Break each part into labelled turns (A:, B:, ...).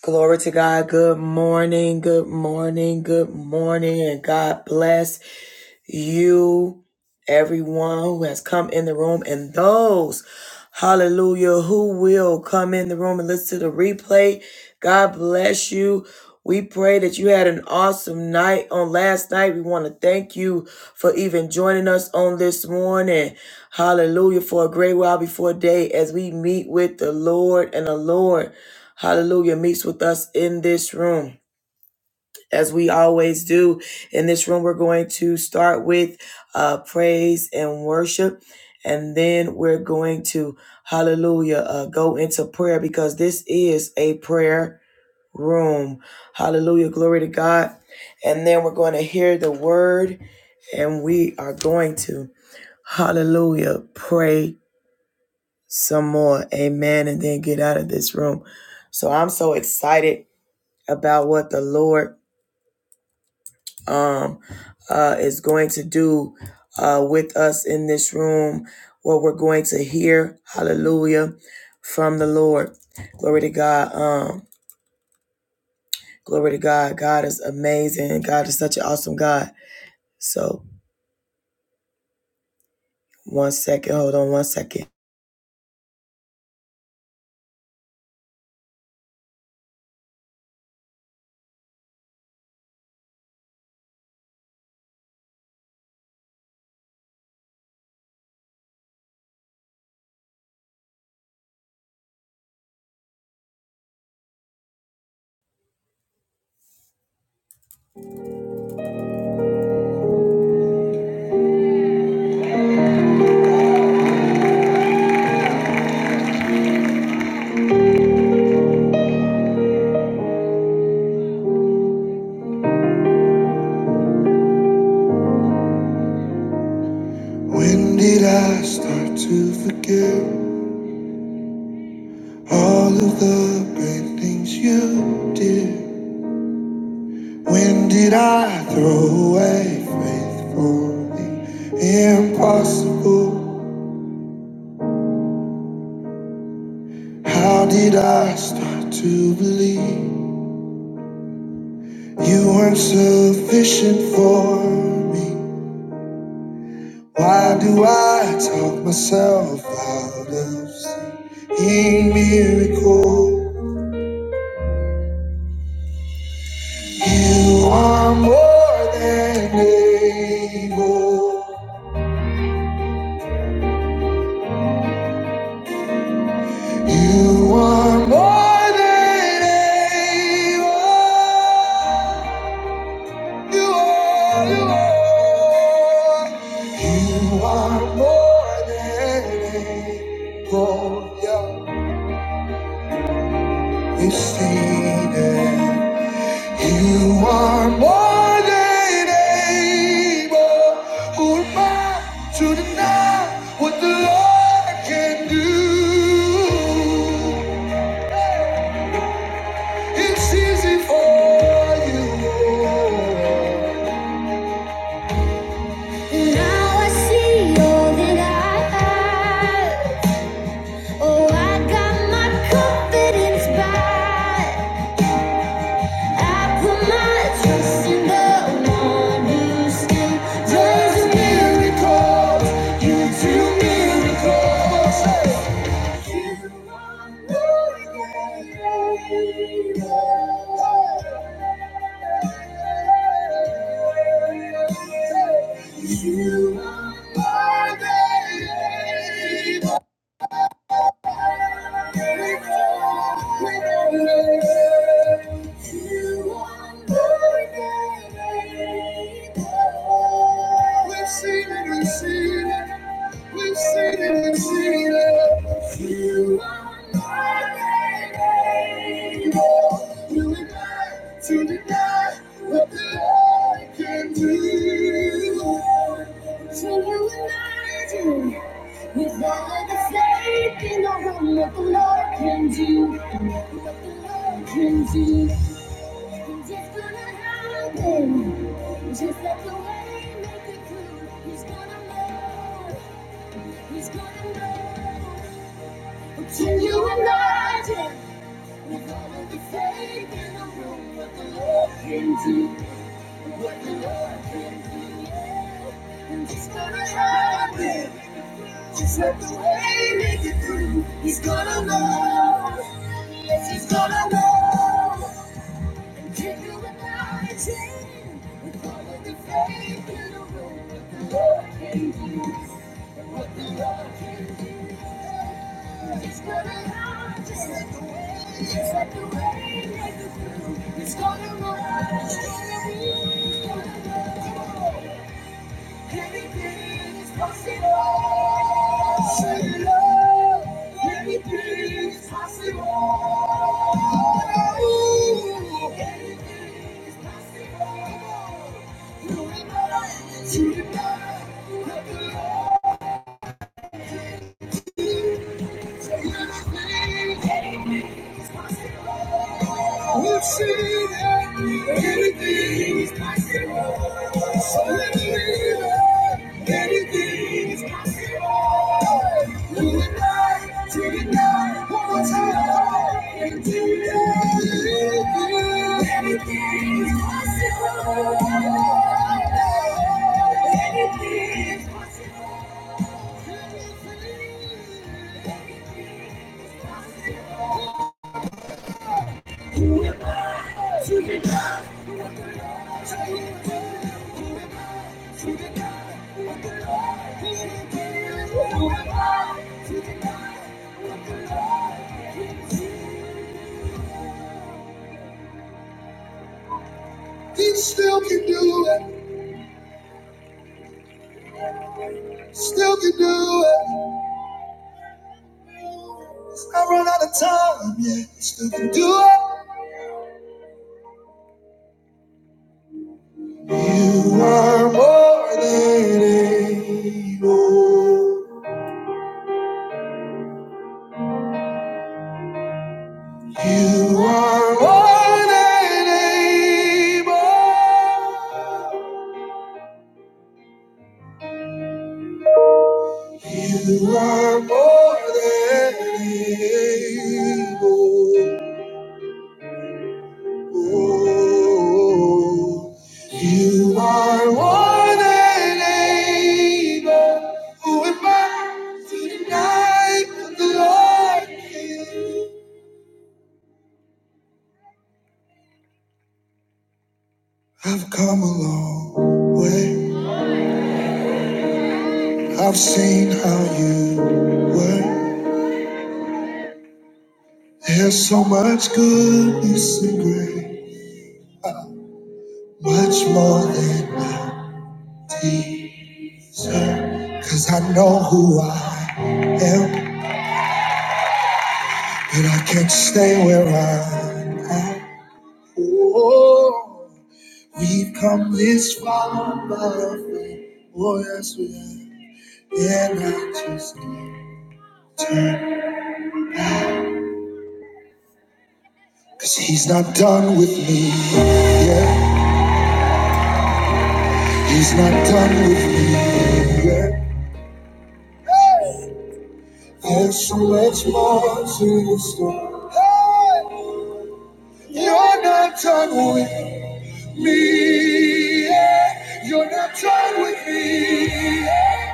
A: Glory to God. Good morning. Good morning. Good morning. And God bless you, everyone who has come in the room, and those, hallelujah, who will come in the room and listen to the replay. God bless you. We pray that you had an awesome night on last night. We want to thank you for even joining us on this morning. Hallelujah. For a great while before day as we meet with the Lord and the Lord hallelujah, meets with us in this room. As we always do in this room, we're going to start with uh, praise and worship. And then we're going to, hallelujah, uh, go into prayer because this is a prayer room. Hallelujah, glory to God. And then we're going to hear the word and we are going to, hallelujah, pray some more. Amen. And then get out of this room. So I'm so excited about what the Lord um, uh, is going to do uh, with us in this room, what we're going to hear. Hallelujah. From the Lord. Glory to God. Um, glory to God. God is amazing. God is such an awesome God. So, one second. Hold on one second. When did I start to forget all of the great things you did? When did I throw away faith for the impossible? How did I start to believe you weren't sufficient for me? Why do I talk myself out of seeing miracles? You are more than able. You are more than able. You are, you are, you are more than able. Yeah, we it. You are more than able. Who am I to deny what the Lord can do? It's easy for you. Now I see all that I have. Oh, I got my confidence back. I put my trust in the one who still does miracles. You do miracles. You are my baby. We've seen it, we've seen it. We've seen it, we've seen it. You are my neighbor. You and I deny. Nothing I can do. So you and I do. Without the faith in what the Lord can do. What the Lord can do. And it's gonna happen. Just like the way make it through. He's gonna move. He's gonna move. Can you imagine? With all of the faith room, what the Lord can do. What the Lord can do, and it's gonna happen. Just let the way make it through. He's gonna know. Yes, he's gonna know. It's gonna run, it's gonna be, it's gonna go. Anything Anything anything is is is possible. possible. love. Thank you. We've seen anything is possible. So let me live. Anything is possible. Move it right to it God one more time. And do it. Anything is possible. Anything is possible. He still can do it, still can do it. I run out of time, yeah, still can do it. You are more than able. You are more than able. You are more than able. Oh, You are more than able. Who am I to deny that the Lord is? I've come a long way. I've seen how you work. There's so much goodness and grace, much more than I deserve. Cause I know who I am, but I can't stay where I'm at. Oh, we've come this far by faith. Oh, yes, we have. And I just can't turn. Cause he's not done with me. Yeah, he's not done with me. Yeah. There's so much more to the story. Hey! You're not done with me. yeah. You're not done with me. yeah.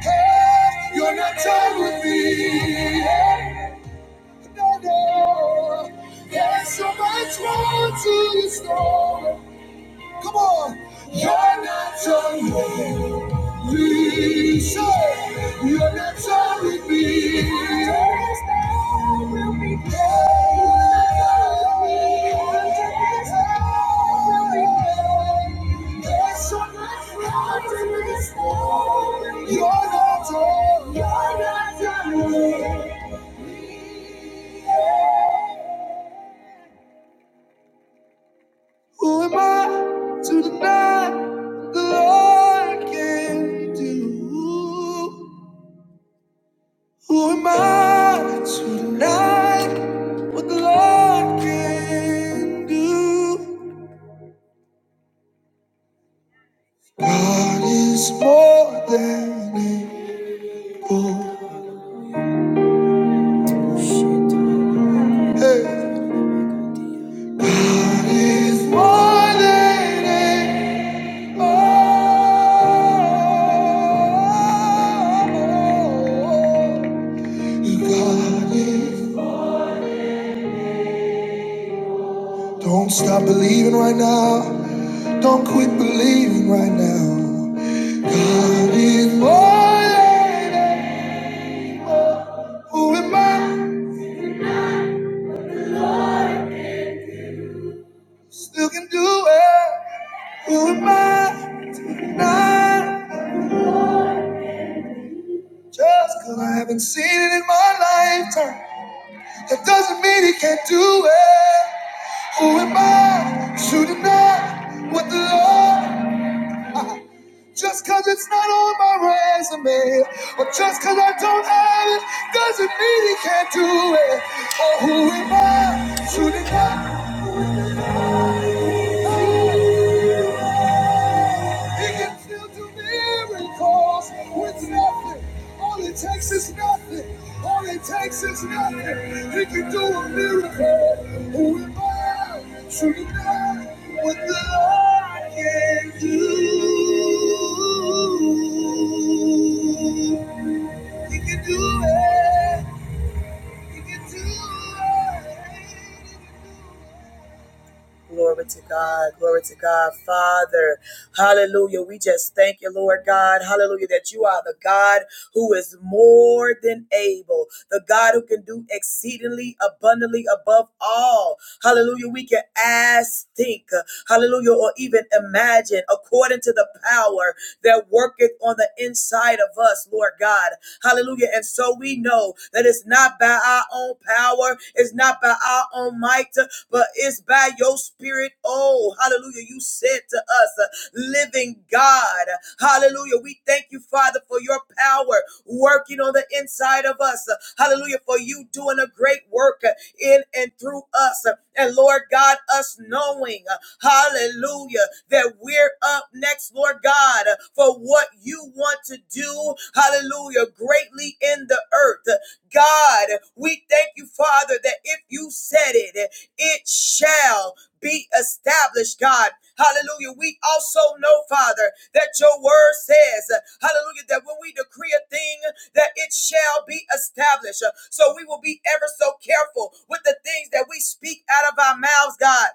A: Hey, You're not done with me. yeah. No, no. There's so much more to the story. Come on. You're not done with me. Please say, your next song will be. You're not alone. You're not alone. Who am I to deny the Lord can do? Who am I to deny what the Lord can do? God is more than able. Hey. God is more than able. Hey, God is. Don't stop believing right now. Don't quit believing right now. God is more. than able. Who am I? Still can do it. Who am I? to deny? Just because I haven't seen it in my lifetime, that doesn't mean he can't do it. Who am I? to deny what the Lord. Just cause it's not on my resume, or just cause I don't have it, doesn't mean he can't do it. Or who am I to deny he can still do miracles with nothing? All it takes is nothing. All it takes is nothing. He can do a miracle. Who am I to deny what the Lord can do? He can do it. Glory to God. Glory to God. Father, hallelujah. We just thank you, Lord God. Hallelujah. That you are the God who is more than able, the God who can do exceedingly abundantly above all. Hallelujah. We can ask, think, hallelujah, or even imagine according to the power that worketh on the inside inside of us, Lord God. Hallelujah. And so we know that it's not by our own power, it's not by our own might, but it's by your spirit. Oh, hallelujah. You said to us, uh, living God. Hallelujah. We thank you, Father, for your power working on the inside of us. Hallelujah. For you doing a great work in and through us. And Lord God, us knowing, hallelujah, that we're up next, Lord God, for what you want to do, hallelujah, greatly in the earth. God, we thank you, Father, that if you said it, it shall be established, God. Hallelujah. We also know, Father, that your word says, hallelujah, that when we decree a thing, that it shall be established. So we will be ever so careful with the things that we speak out of our mouths, God.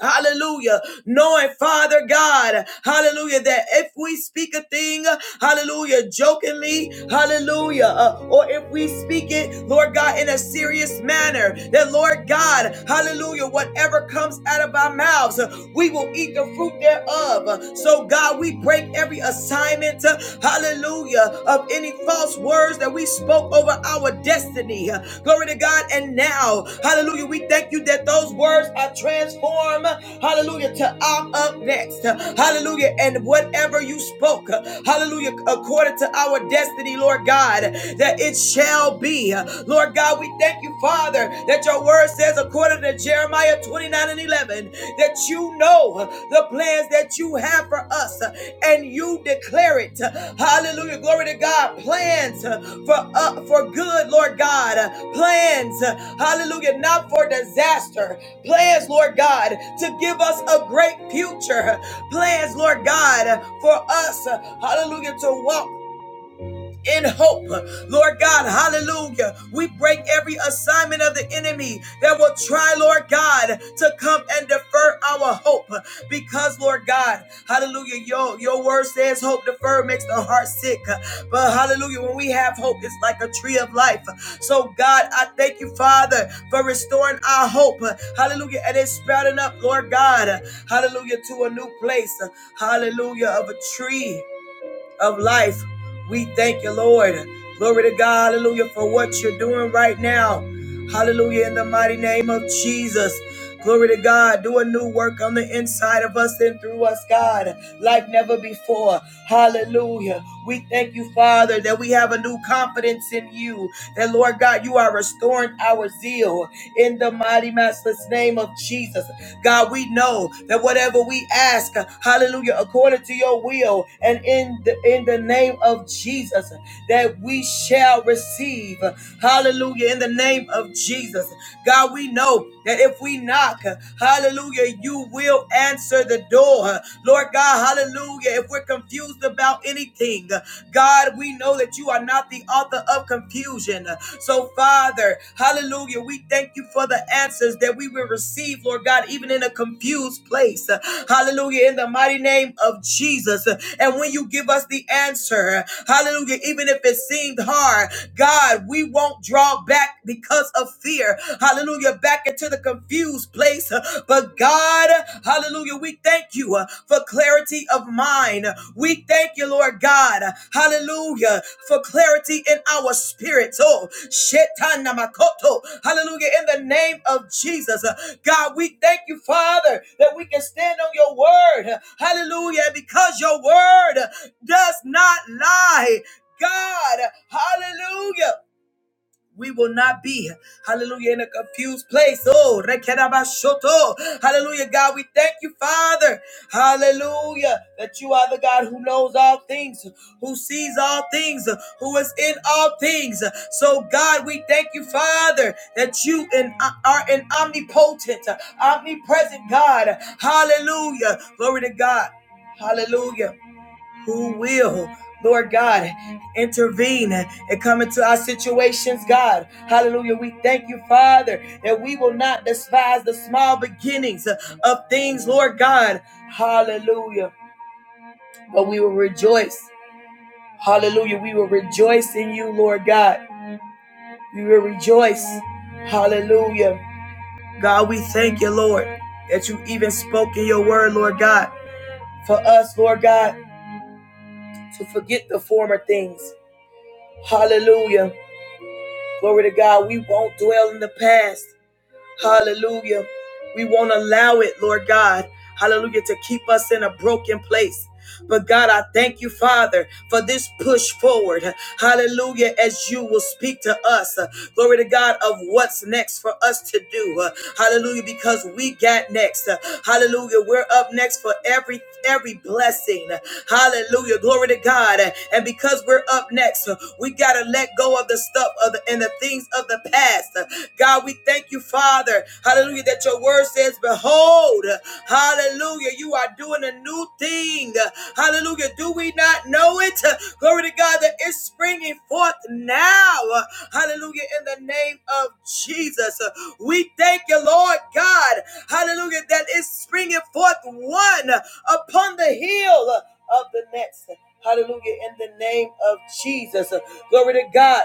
A: Hallelujah. Knowing, Father God, hallelujah, that if we speak a thing, hallelujah, jokingly, hallelujah, uh, or if we speak it, Lord God, in a serious manner, that Lord God, hallelujah, whatever comes out of our mouths, uh, we will eat the fruit thereof. So, God, we break every assignment, uh, hallelujah, of any any false words that we spoke over our destiny. Glory to God. And now, hallelujah, we thank you that those words are transformed, hallelujah, to I'm up next. Hallelujah. And whatever you spoke, hallelujah, according to our destiny, Lord God, that it shall be. Lord God, we thank you, Father, that your word says, according to Jeremiah 29. 29 and 11 that you know the plans that you have for us and you declare it. Hallelujah. Glory to God. Plans for uh, for good, Lord God. Plans, hallelujah, not for disaster. Plans, Lord God, to give us a great future. Plans, Lord God, for us, hallelujah, to walk in hope. Lord God, hallelujah. We break every assignment of the enemy that will try, Lord God, to come and defer our hope. Because, Lord God, hallelujah, your, your word says hope deferred makes the heart sick. But hallelujah, when we have hope, it's like a tree of life. So, God, I thank you, Father, for restoring our hope. Hallelujah. And it's sprouting up, Lord God, hallelujah, to a new place. Hallelujah, of a tree of life. We thank you, Lord. Glory to God, hallelujah, for what you're doing right now. Hallelujah, in the mighty name of Jesus. Glory to God. Do a new work on the inside of us and through us, God, like never before. Hallelujah. We thank you, Father, that we have a new confidence in you. That, Lord God, you are restoring our zeal in the mighty, matchless name of Jesus. God, we know that whatever we ask, hallelujah, according to your will and in the in the name of Jesus, that we shall receive. Hallelujah. In the name of Jesus. God, we know that if we knock, hallelujah, you will answer the door. Lord God, hallelujah. If we're confused about anything, God, we know that know that you are not the author of confusion. So, Father, hallelujah, we thank you for the answers that we will receive, Lord God, even in a confused place. Hallelujah, in the mighty name of Jesus. And when you give us the answer, hallelujah, even if it seemed hard, God, we won't draw back because of fear. Hallelujah, back into the confused place. But God, hallelujah, we thank you uh, for clarity of mind. We thank you, Lord God, hallelujah, for clarity in our spirits. Oh, shetanamakoto. hallelujah, in the name of Jesus. Uh, God, we thank you, Father, that we can stand on your word. Hallelujah, because your word does not lie. God, hallelujah we will not be, hallelujah, in a confused place. Oh, rekedabashoto. hallelujah, God, we thank you, Father, hallelujah, that you are the God who knows all things, who sees all things, who is in all things. So, God, we thank you, Father, that you in, are an omnipotent, omnipresent God. Hallelujah. Glory to God. Hallelujah who will, Lord God, intervene and come into our situations, God. Hallelujah. We thank you, Father, that we will not despise the small beginnings of things, Lord God. Hallelujah. But we will rejoice. Hallelujah. We will rejoice in you, Lord God. We will rejoice. Hallelujah. God, we thank you, Lord, that you even spoke in your word, Lord God, for us, Lord God, to forget the former things. Hallelujah Glory to God. We won't dwell in the past. Hallelujah. We won't allow it, Lord God. Hallelujah. To keep us in a broken place. But God, I thank you, Father, for this push forward. Hallelujah. As you will speak to us. Uh, Glory to God of what's next for us to do. Uh, Hallelujah. Because we got next. Uh, Hallelujah. We're up next for every every blessing. Hallelujah. Hallelujah. Glory to God. And because we're up next, we got to let go of the stuff of the, and the things of the past. God, we thank you, Father. Hallelujah. That your word says, Behold, hallelujah, you are doing a new thing. Hallelujah. Do we not know it? Glory to God that it's springing forth now. Hallelujah. In the name of Jesus. We thank you, Lord God. Hallelujah. That it's springing forth one upon the hill of the next. Hallelujah. In the name of Jesus. Uh, Glory to God.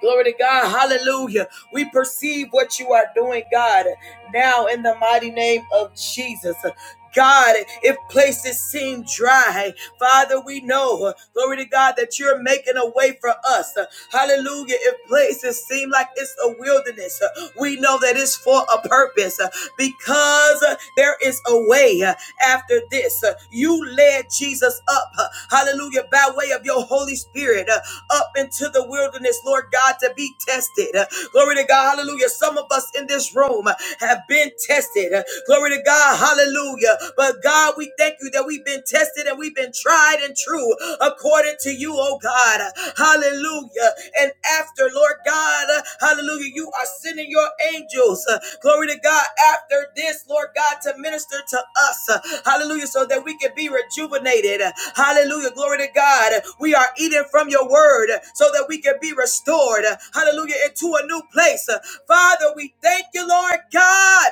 A: Glory to God. Hallelujah. We perceive what you are doing, God, now in the mighty name of Jesus. Uh, God, if places seem dry, Father, we know, uh, glory to God, that you're making a way for us. Uh, Hallelujah. If places seem like it's a wilderness, uh, we know that it's for a purpose uh, because uh, there is a way uh, after this. Uh, You led led Jesus up, uh, hallelujah, by way of your Holy Spirit, uh, up into the wilderness, Lord God, to be tested. Uh, Glory to God, hallelujah. Some of us in this room uh, have been tested. Uh, Glory to God, hallelujah. But God, we thank you that we've been tested and we've been tried and true according to you, oh God. Uh, Hallelujah. And and after, Lord God. uh, Hallelujah. You are sending your angels. uh, Glory to God. After this, Lord God, to minister to us. uh, Hallelujah. So that we can be rejuvenated. uh, Hallelujah. Glory to God. We are eating from your word uh, so that we can be restored. uh, Hallelujah. Into a new place. Uh, Father, we thank you, Lord God.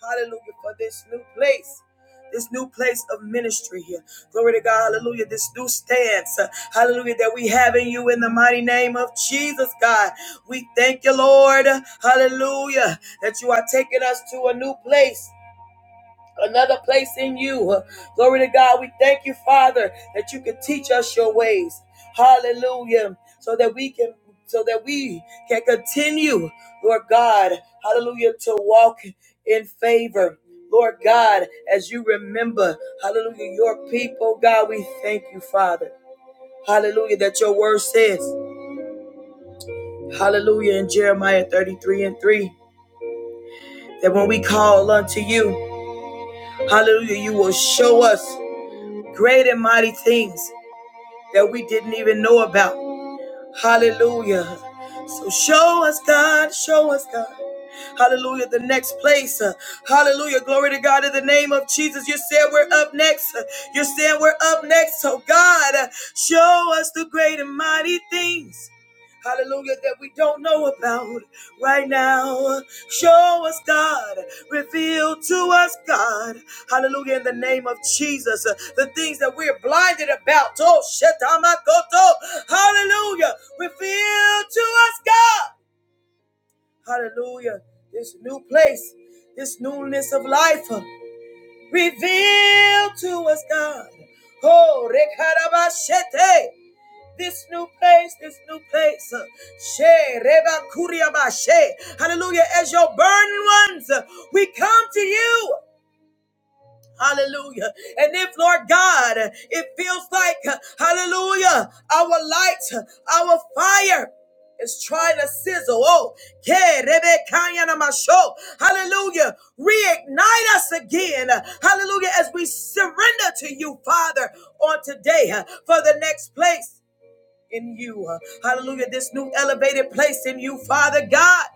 A: Hallelujah. For this new place. This new place of ministry here. Glory to God. Hallelujah. This new stance. uh, Hallelujah. That we have in you in the mighty name of Jesus, God. We thank you, Lord. Hallelujah. That you are taking us to a new place another place in you. Uh, Glory to God. We thank you, Father, that you can teach us your ways. Hallelujah. So that we can so that we can continue, Lord God, hallelujah, to walk in favor. Lord God, as you remember, hallelujah, your people, God, we thank you, Father. Hallelujah, that your word says, hallelujah, in Jeremiah 33 and 3, that when we call unto you, hallelujah, you will show us great and mighty things that we didn't even know about. Hallelujah. So show us, God, show us, God. Hallelujah. The next place. Uh, Hallelujah. Glory to God in the name of Jesus. You said we're up next. Uh, You said we're up next. So God, uh, show us the great and mighty things. Hallelujah, that we don't know about right now. Show us, God. Reveal to us, God. Hallelujah, in the name of Jesus. Uh, The things that we're blinded about. Oh, shetamakoto. Hallelujah. Reveal to us, God. Hallelujah. This new place, this newness of life, uh, reveal to us, God. Oh, rekarabashete. This new place, this new place. uh, she, rebakuriabashe. Hallelujah. As your burning ones, uh, we come to you. Hallelujah. And if, Lord God, it feels like, hallelujah, our light, our fire is trying to sizzle. Oh, yeah, hallelujah. Reignite us again. Hallelujah. As we surrender to you, Father, on today uh, for the next place in you. Hallelujah. This new elevated place in you, Father God.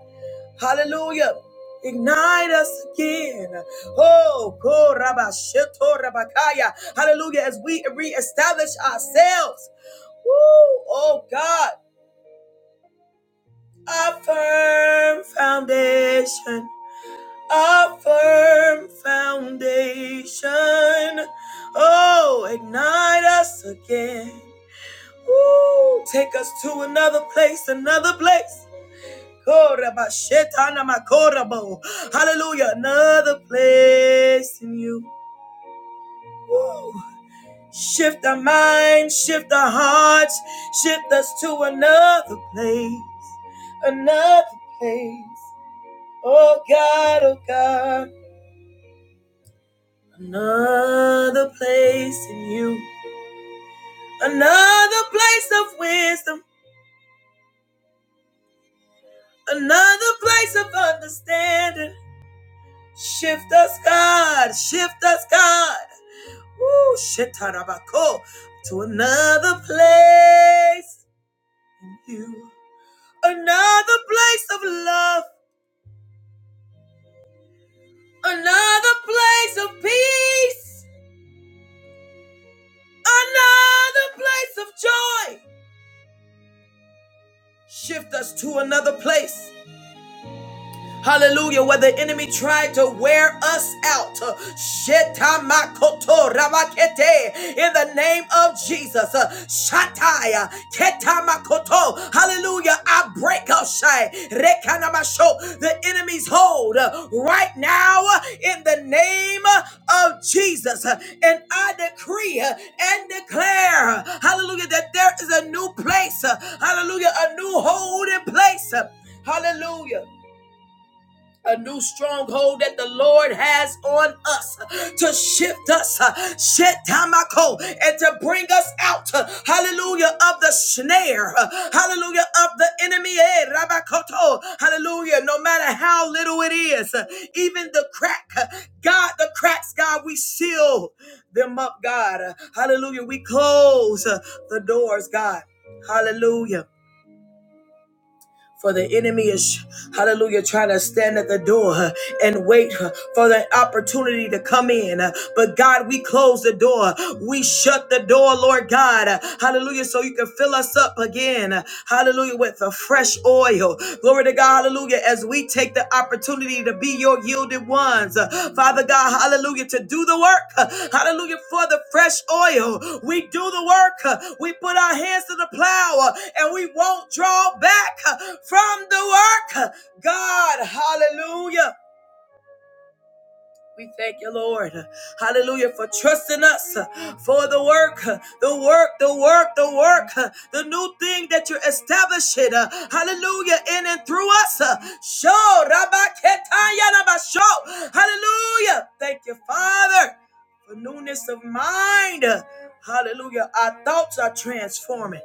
A: Hallelujah. Ignite us again. Oh, korabasheto rabakaya. Hallelujah. As we reestablish ourselves. Woo. Oh, God. A firm foundation. A firm foundation. Oh, ignite us again. Woo. Take us to another place, another place. Hallelujah. Another place in you. Woo. Shift our minds, shift our hearts, shift us to another place, another place. Oh God, oh God, another place in you, another place of wisdom, another place of understanding. Shift us, God, shift us, God. Woo, shetarabako, to another place. You, another place of love, another place of peace, another place of joy. Shift us to another place. Hallelujah. Where the enemy tried to wear us out. Shetamakoto rabakete. In the name of Jesus. Uh, Shataya. Ketamakoto. Hallelujah. I break up Shai. Rekanamasho. The enemy's hold uh, right now uh, in the name uh, of Jesus. Uh, And I decree uh, and declare, uh, hallelujah, that there is a new place. uh, Hallelujah. A new holding place. uh, Hallelujah a new stronghold that the Lord has on us to shift us, uh, shetamako, and to bring us out, uh, hallelujah, of the snare, uh, hallelujah, of the enemy, eh, rabakoto, hallelujah, no matter how little it is, uh, even the crack, uh, God, the cracks, God, we seal them up, God, Uh, hallelujah, we close uh, the doors, God, hallelujah. For the enemy is, hallelujah, trying to stand at the door uh, and wait uh, for the opportunity to come in. Uh, But God, we close the door. We shut the door, Lord God. Uh, Hallelujah. So you can fill us up again. Uh, Hallelujah. With the fresh oil. Glory to God. Hallelujah. As as we take the opportunity to be your yielded ones. Uh, Father God, hallelujah, to do the work. Uh, Hallelujah, for the fresh oil. We do the work. Uh, We put our hands to the plow uh, and we won't draw back uh, from the work. Uh, God, hallelujah. We thank you, Lord. Hallelujah for trusting us for the work, the work, the work, the work, the new thing that you're establishing. Hallelujah in and through us. Show Rabaketaya Rabasho. Hallelujah. Thank you, Father for newness of mind. Hallelujah. Our thoughts are transforming.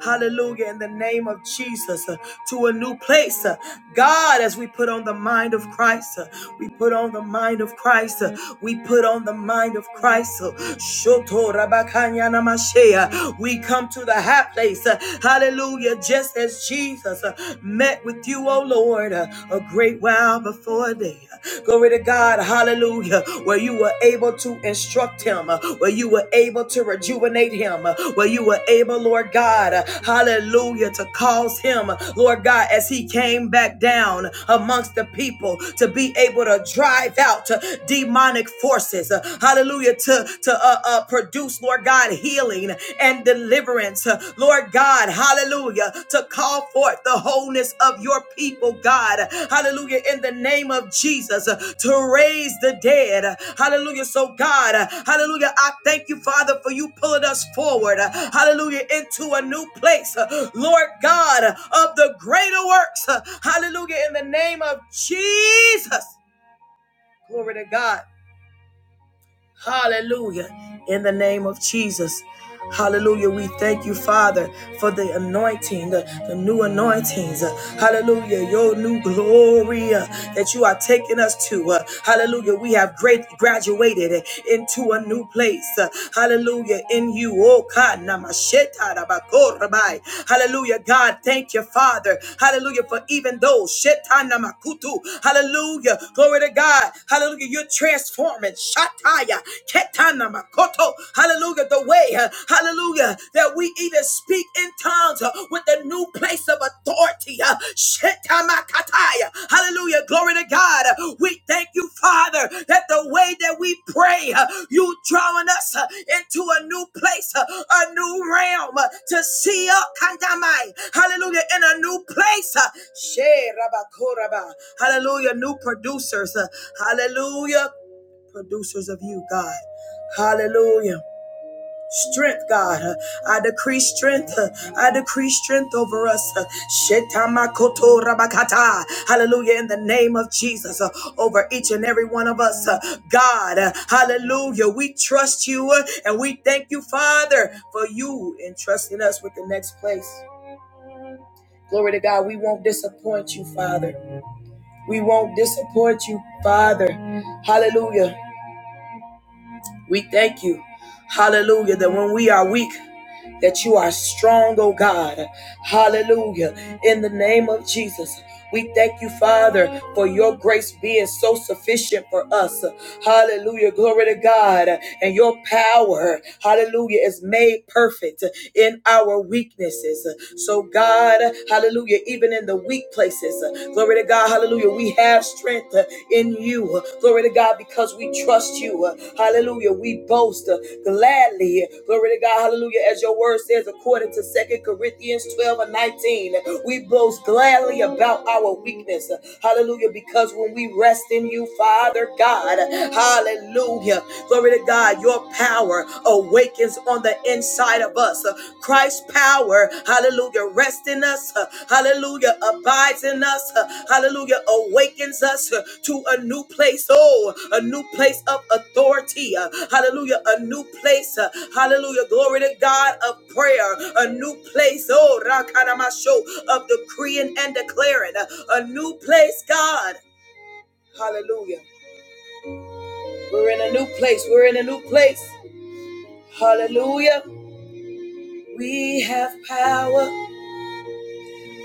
A: Hallelujah. In the name of Jesus uh, to a new place. Uh, God, as we put on the mind of Christ, uh, we put on the mind of Christ. uh, We put on the mind of Christ. uh, Shoto Rabakanya Namashea. We come to the high place. uh, Hallelujah. Just as Jesus uh, met with you, oh oh Lord, uh, a great while before thee. Glory to God, hallelujah, where you were able to instruct him, uh, where you were able to rejuvenate him, uh, where you were able, Lord God, uh, hallelujah, to cause him, Lord God, as he came back down amongst the people, to be able to drive out uh, demonic forces, uh, hallelujah, to, to uh, uh, produce, Lord God, healing healing and deliverance, Lord God, hallelujah, to call forth the wholeness of your people, God, hallelujah, in the name of Jesus, to raise the dead, hallelujah. So, God, hallelujah, I thank you, Father, for you pulling us forward, hallelujah, into a new place, Lord God, of the greater works, hallelujah, in the name of Jesus. Glory to God. Hallelujah. In the name of Jesus. Hallelujah. We thank you, Father, for the anointing, the, the new anointings. Uh, Hallelujah. Your new glory uh, that you are taking us to. Uh, Hallelujah. We have great graduated uh, into a new place. Uh, Hallelujah. In you. Oh, God. namasheta rabakorabai. Hallelujah. God, thank you, Father. Hallelujah. For even those. shetana makutu. Hallelujah. Glory to God. Hallelujah. You're transforming. Shataya, Ketana Makoto. Hallelujah. The way, uh, hallelujah, that we even speak in tongues uh, with the new place of authority. uh, Shetamakataya. Hallelujah. Glory to God. Uh, We thank you, Father, that the way that we pray, uh, you drawing us uh, into a new place, uh, a new realm uh, to see up. Kandamai. Hallelujah. In a new place. uh, Sherabakoraba. Hallelujah. New producers. uh, Hallelujah producers of you, God. Hallelujah. Strength, God. I decree strength. I decree strength over us. Hallelujah. In the name of Jesus, uh, over each and every one of us. uh, God, uh, hallelujah. We trust you uh, and we thank you, Father, for you entrusting us with the next place. Glory to God. We won't disappoint you, Father. We won't disappoint you, Father. Hallelujah. We thank you, hallelujah, that when we are weak, that you are strong, oh God. Hallelujah. In the name of Jesus. We thank you, Father, for your grace being so sufficient for us. Hallelujah. Glory to God. And your power, hallelujah, is made perfect in our weaknesses. So, God, hallelujah, even in the weak places, glory to God, hallelujah, we have strength strength uh, in you. Uh, Glory to God, because we trust you. Uh, Hallelujah. We boast uh, gladly. Uh, Glory to God. Hallelujah. As your word says, according to Second Corinthians 12 and 19, uh, we boast gladly about our weakness. Uh, Hallelujah. Because when we rest in you, Father God, uh, hallelujah. Glory to God, your power awakens on the inside of us. Uh, Christ's power, hallelujah, rests in us, uh, hallelujah, abides in us, uh, hallelujah, awakens us uh, to a new place, oh, a new place of authority, uh, hallelujah, a new place, uh, hallelujah, glory to God of prayer, a new place, oh, rakaramasho, of decreeing and declaring, uh, a new place, God, hallelujah. We're in a new place, we're in a new place, hallelujah. We have power.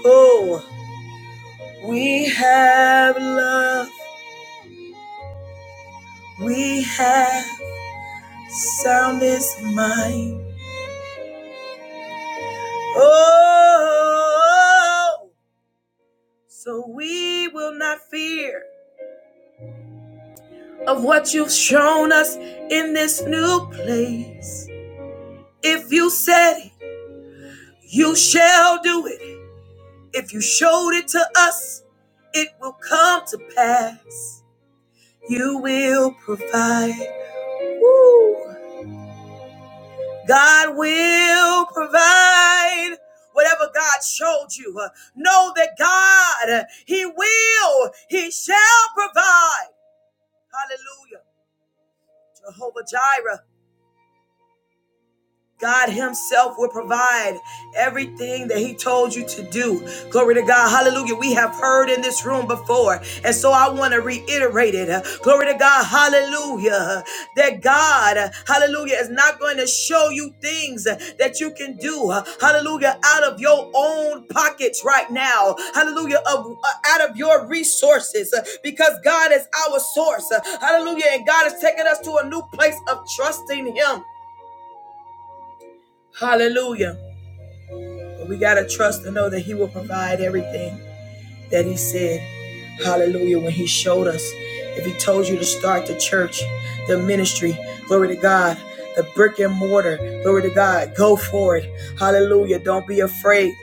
A: Oh, We have love, we have soundest mind. Oh, so we will not fear of what you've shown us in this new place. If you said it, you shall do it. If you showed it to us, it will come to pass. You will provide. Woo. God will provide whatever God showed you. Uh, Know that God, uh, He will, He shall provide. Hallelujah. Jehovah Jireh. God Himself will provide everything that He told you to do. Glory to God. Hallelujah. We have heard in this room before. And so I want to reiterate it. Uh, Glory to God. Hallelujah. That God, uh, hallelujah, is not going to show you things uh, that you can do. uh, Hallelujah. Out of your own pockets right now. Hallelujah. Of, uh, out of your resources uh, because God is our source. uh, Hallelujah. And God is taking us to a new place of trusting Him. Hallelujah. We got to trust and know that He will provide everything that He said. Hallelujah. When He showed us, if He told you to start the church, the ministry, glory to God, the brick and mortar, glory to God, go for it. Hallelujah. Don't be afraid.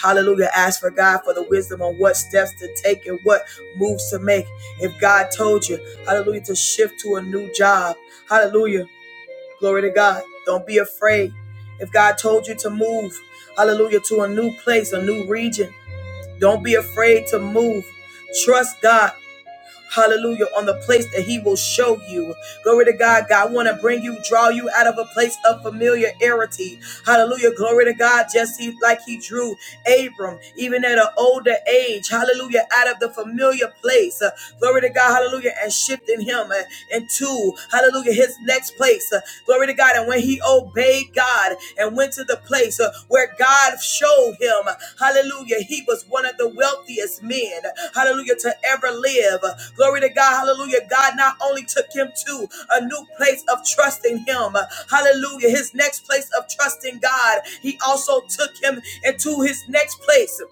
A: Hallelujah. Ask for God for the wisdom on what steps to take and what moves to make. If God told you, hallelujah, to shift to a new job, hallelujah. Glory to God. Don't be afraid. If God told you to move, hallelujah, to a new place, a new region, don't be afraid to move. Trust God. Hallelujah on the place that he will show you. Glory to God. God want to bring you, draw you out of a place of familiarity. Hallelujah. Glory to God. Just like he drew Abram, even at an older age. Hallelujah. Out of the familiar place. Uh, glory to God. Hallelujah. And shifting him uh, into, hallelujah, his next place. Uh, Glory to God. And when when he obeyed God and went to the place uh, where God showed him, hallelujah, he was one of the wealthiest men, hallelujah, to ever live. Glory to God, hallelujah. God not only took him to a new place of trusting him, hallelujah, his next place of trusting God, he also took him into his next place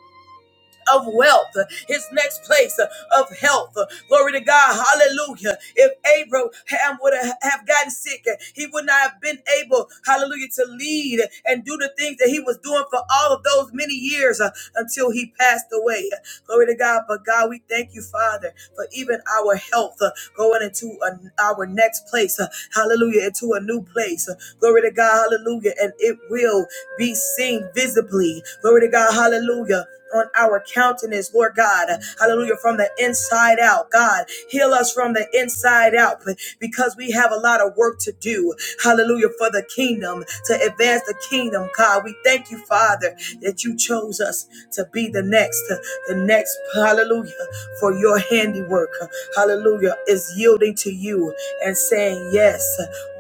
A: of wealth, his next place of health. Glory to God. Hallelujah. If Abraham would have gotten sick, he would not have been able, hallelujah, to lead and do the things that he was doing for all of those many years uh, until he passed away. Glory to God. But God, we thank you, Father, for even our health uh, going into an our next place. uh, Hallelujah. Into a new place. Uh, Glory to God. Hallelujah. And it will be seen visibly. Glory to God. Hallelujah on our countenance, Lord God. Hallelujah. From the inside out, God, heal us from the inside out because we have a lot of work to do. Hallelujah. For the kingdom, to advance the kingdom, God. We thank you, Father, that you chose us to be the next, the next, hallelujah, for your handiwork. Hallelujah. Is yielding to you and saying, Yes,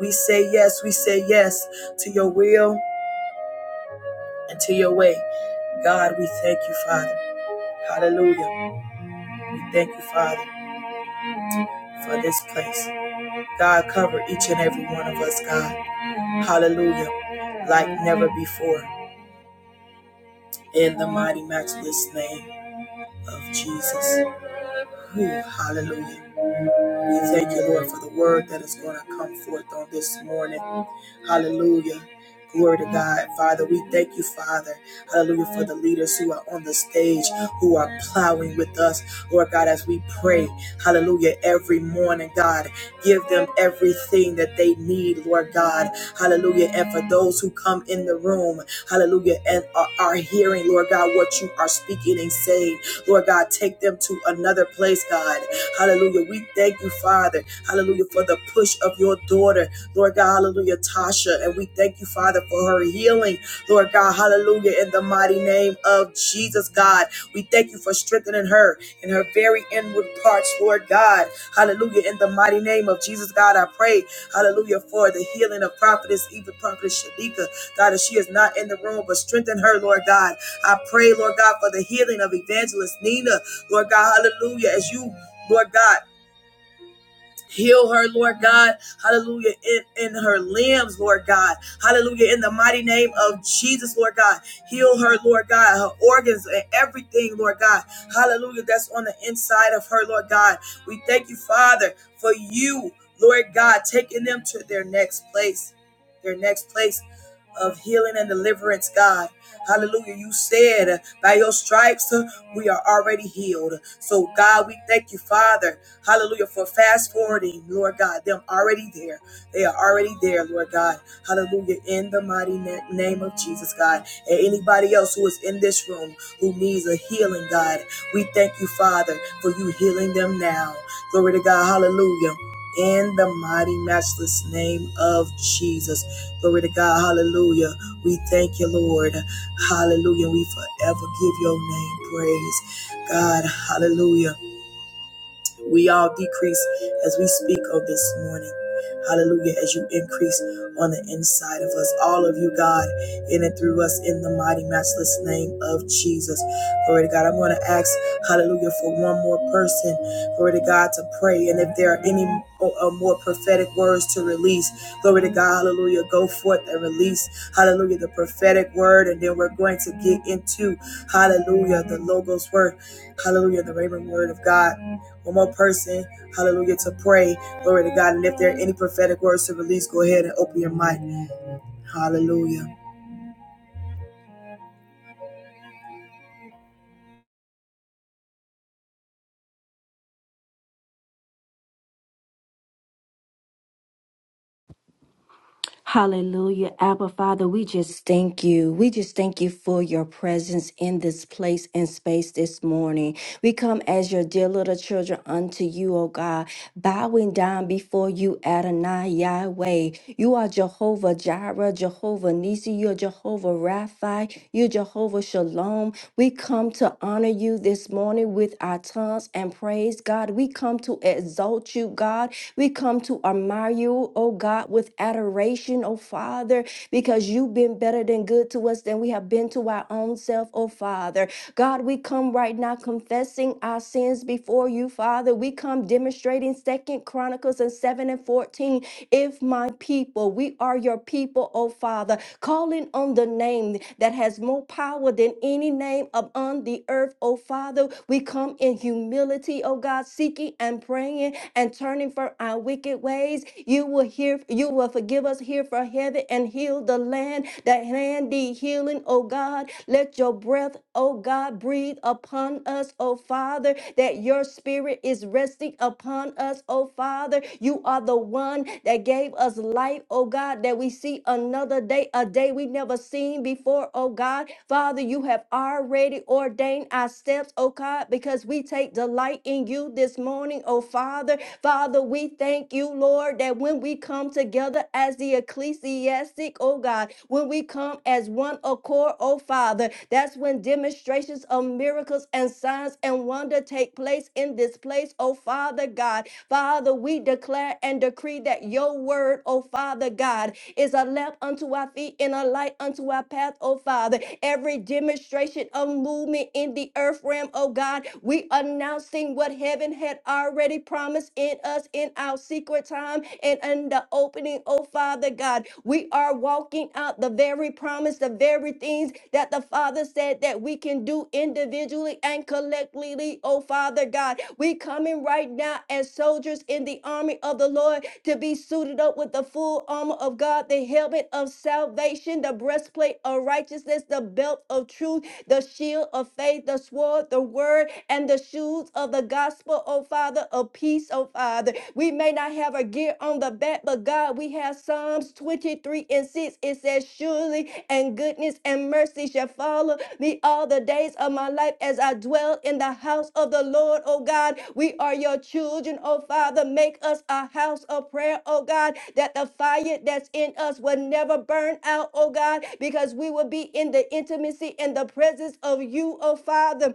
A: we say yes, we say yes to your will and to your way. God, we thank you, Father. Hallelujah. We thank you, Father, for this place. God, cover each and every one of us, God. Hallelujah. Like never before. In the mighty, matchless name of Jesus. Whew, hallelujah. We thank you, Lord, for the word that is going to come forth on this morning. Hallelujah. Glory to God. Father, we thank you, Father. Hallelujah, for the leaders who are on the stage, who are plowing with us. Lord God, as we pray, hallelujah, every morning, God, give them everything that they need, Lord God. Hallelujah. And for those who come in the room, hallelujah, and are, are hearing, Lord God, what you are speaking and saying, Lord God, take them to another place, God. Hallelujah. We thank you, Father. Hallelujah. For the push of your daughter, Lord God. Hallelujah. Tasha. And we thank you, Father, for her healing, Lord God. Hallelujah. In the mighty name of Jesus, God. We thank you for strengthening her in her very inward parts, Lord God. Hallelujah. In the mighty name of Jesus, God, I pray, hallelujah, for the healing of prophetess, even prophetess Shadika. God, if she is not in the room, but strengthen her, Lord God. I pray, Lord God, for the healing of evangelist Nina, Lord God, hallelujah, as you Lord God. Heal her, Lord God. Hallelujah. In, in her limbs, Lord God. Hallelujah. In the mighty name of Jesus, Lord God. Heal her, Lord God. Her organs and everything, Lord God. Hallelujah. That's on the inside of her, Lord God. We thank you, Father, for you, Lord God, taking them to their next place, their next place of healing and deliverance, God. Hallelujah. You said, uh, by your stripes, uh, we are already healed. So, God, we thank you, Father. Hallelujah. For fast forwarding, Lord God, them already there. They are already there, Lord God. Hallelujah. In the mighty na- name of Jesus, God. And anybody else who is in this room who needs a healing, God, we thank you, Father, for you healing them now. Glory to God. Hallelujah. In the mighty, matchless name of Jesus. Glory to God. Hallelujah. We thank you, Lord. Hallelujah. We forever give your name praise. God, hallelujah. We all decrease as we speak of this morning. Hallelujah, as you increase on the inside of us, all of you, God, in and through us, in the mighty, matchless name of Jesus. Glory to God. I'm going to ask, hallelujah, for one more person, glory to God, to pray. And if there are any uh, more prophetic words to release, glory to God, hallelujah, go forth and release, hallelujah, the prophetic word. And then we're going to get into, hallelujah, the Logos word, hallelujah, the Raven word of God one more person, hallelujah, to pray. Glory to God. And if there are any prophetic words to release, go ahead and open your mic. Hallelujah.
B: Hallelujah. Abba, Father, we just thank you. We just thank you for your presence in this place and space this morning. We come as your dear little children unto you, O God, bowing down before you, Adonai Yahweh. You are Jehovah Jireh, Jehovah Nisi, you're Jehovah Rapha, you're Jehovah Shalom. We come to honor you this morning with our tongues and praise God. We come to exalt exalt you, God. We come to admire you, oh God, with adoration, oh Father, because you've been better than good to us than we have been to our own self, oh Father. God, we come right now confessing our sins before you, Father. We come demonstrating Second Chronicles and 7 and 14. If my people, we are your people, oh Father, calling on the name that has more power than any name upon the earth oh Father. We come in humility, oh God, seeking and praying and turning from our wicked ways. You will hear, you will forgive us here for heaven and heal the land. That land need healing, oh God. Let your breath, oh God, breathe upon us, oh Father, that your spirit is resting upon us, oh Father. You are the one that gave us life, oh God, that we see another day, a day we never never seen before, oh God. Father, you have already ordained our steps, oh God, because we take delight in you this morning, oh Father. Father, we thank you, Lord, that when we come together as the ecclesiastic, oh God, when we come as one accord, oh Father, that's when demonstrations of miracles and signs and wonder take place in this place, oh Father God. Father, we declare and decree that that your word, oh Father God, is a lamp unto our feet and a light unto our path, oh Father. Every demonstration of movement in the earth realm, oh God, we announcing what heaven had already promised in us in our secret time and in the opening, oh Father God. We are walking out the very promise, the very things that the Father said that we can do individually and collectively, oh Father God. God. We coming right now as soldiers in the army of the Lord to be suited up with the full armor of God, the helmet of salvation, the breastplate of righteousness, the belt of truth, the shield of faith, the sword, the word, and the shoes of the gospel, oh Father, of peace, oh Father. We may not have a gear on the back, but God, we have Psalms 23 and 6. It says, Surely and goodness and mercy shall follow the all the days of my life as I dwell in the house of the Lord, oh God. We are your children, oh Father. Make us a house of prayer, oh God, that the fire that's in us will never burn out, oh God, because we will be in the intimacy and the presence of you, oh Father.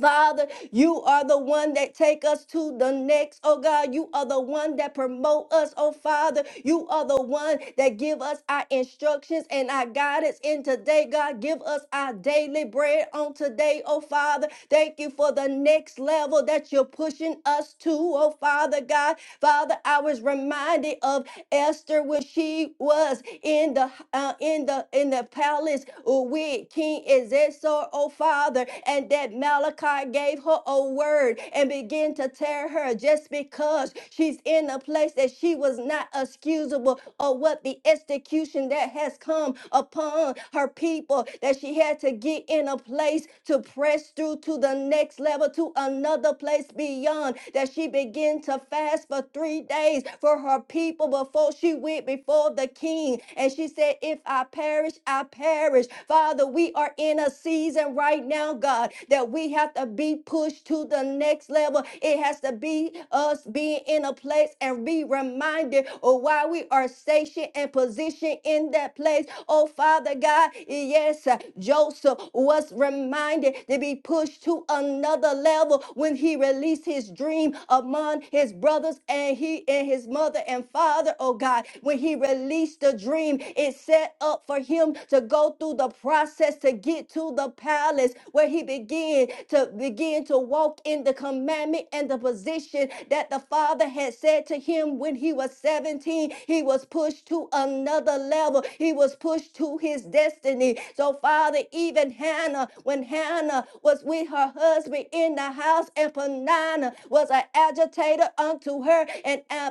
B: Father, you are the one that take us to the next, oh God. You are the one that promote us, oh Father. You are the one that give us our instructions and our guidance in today, God. Give us our daily bread on today, oh Father. Thank you for the next level that you're pushing us to, oh Father God. Father, I was reminded of Esther when she was in the uh, in the in the palace with King Xerxes, oh Father, and that Malachi gave her a word and began to tear her just because she's in a place that she was not excusable or what the execution that has come upon her people that she had to get in a place to press through to the next level to another place beyond that she began to fast for three days for her people before she went before the king. And she said, If I perish, I perish. Father, we are in a season right now, God, that we have to be pushed to the next level. It has to be us being in a place and be reminded of why we are stationed and positioned in that place. Oh, Father God, yes, uh, Joseph was reminded to be pushed to another level when he released his his dream among his brothers and he and his mother and father, oh God. When he released the dream, it set up for him to go through the process to get to the palace where he began to begin to walk in the commandment and the position that the father had said to him when he was 17. He was pushed to another level. He was pushed to his destiny. So Father, even Hannah, when Hannah was with her husband, me in the house, and Panana was an agitator unto her, and uh,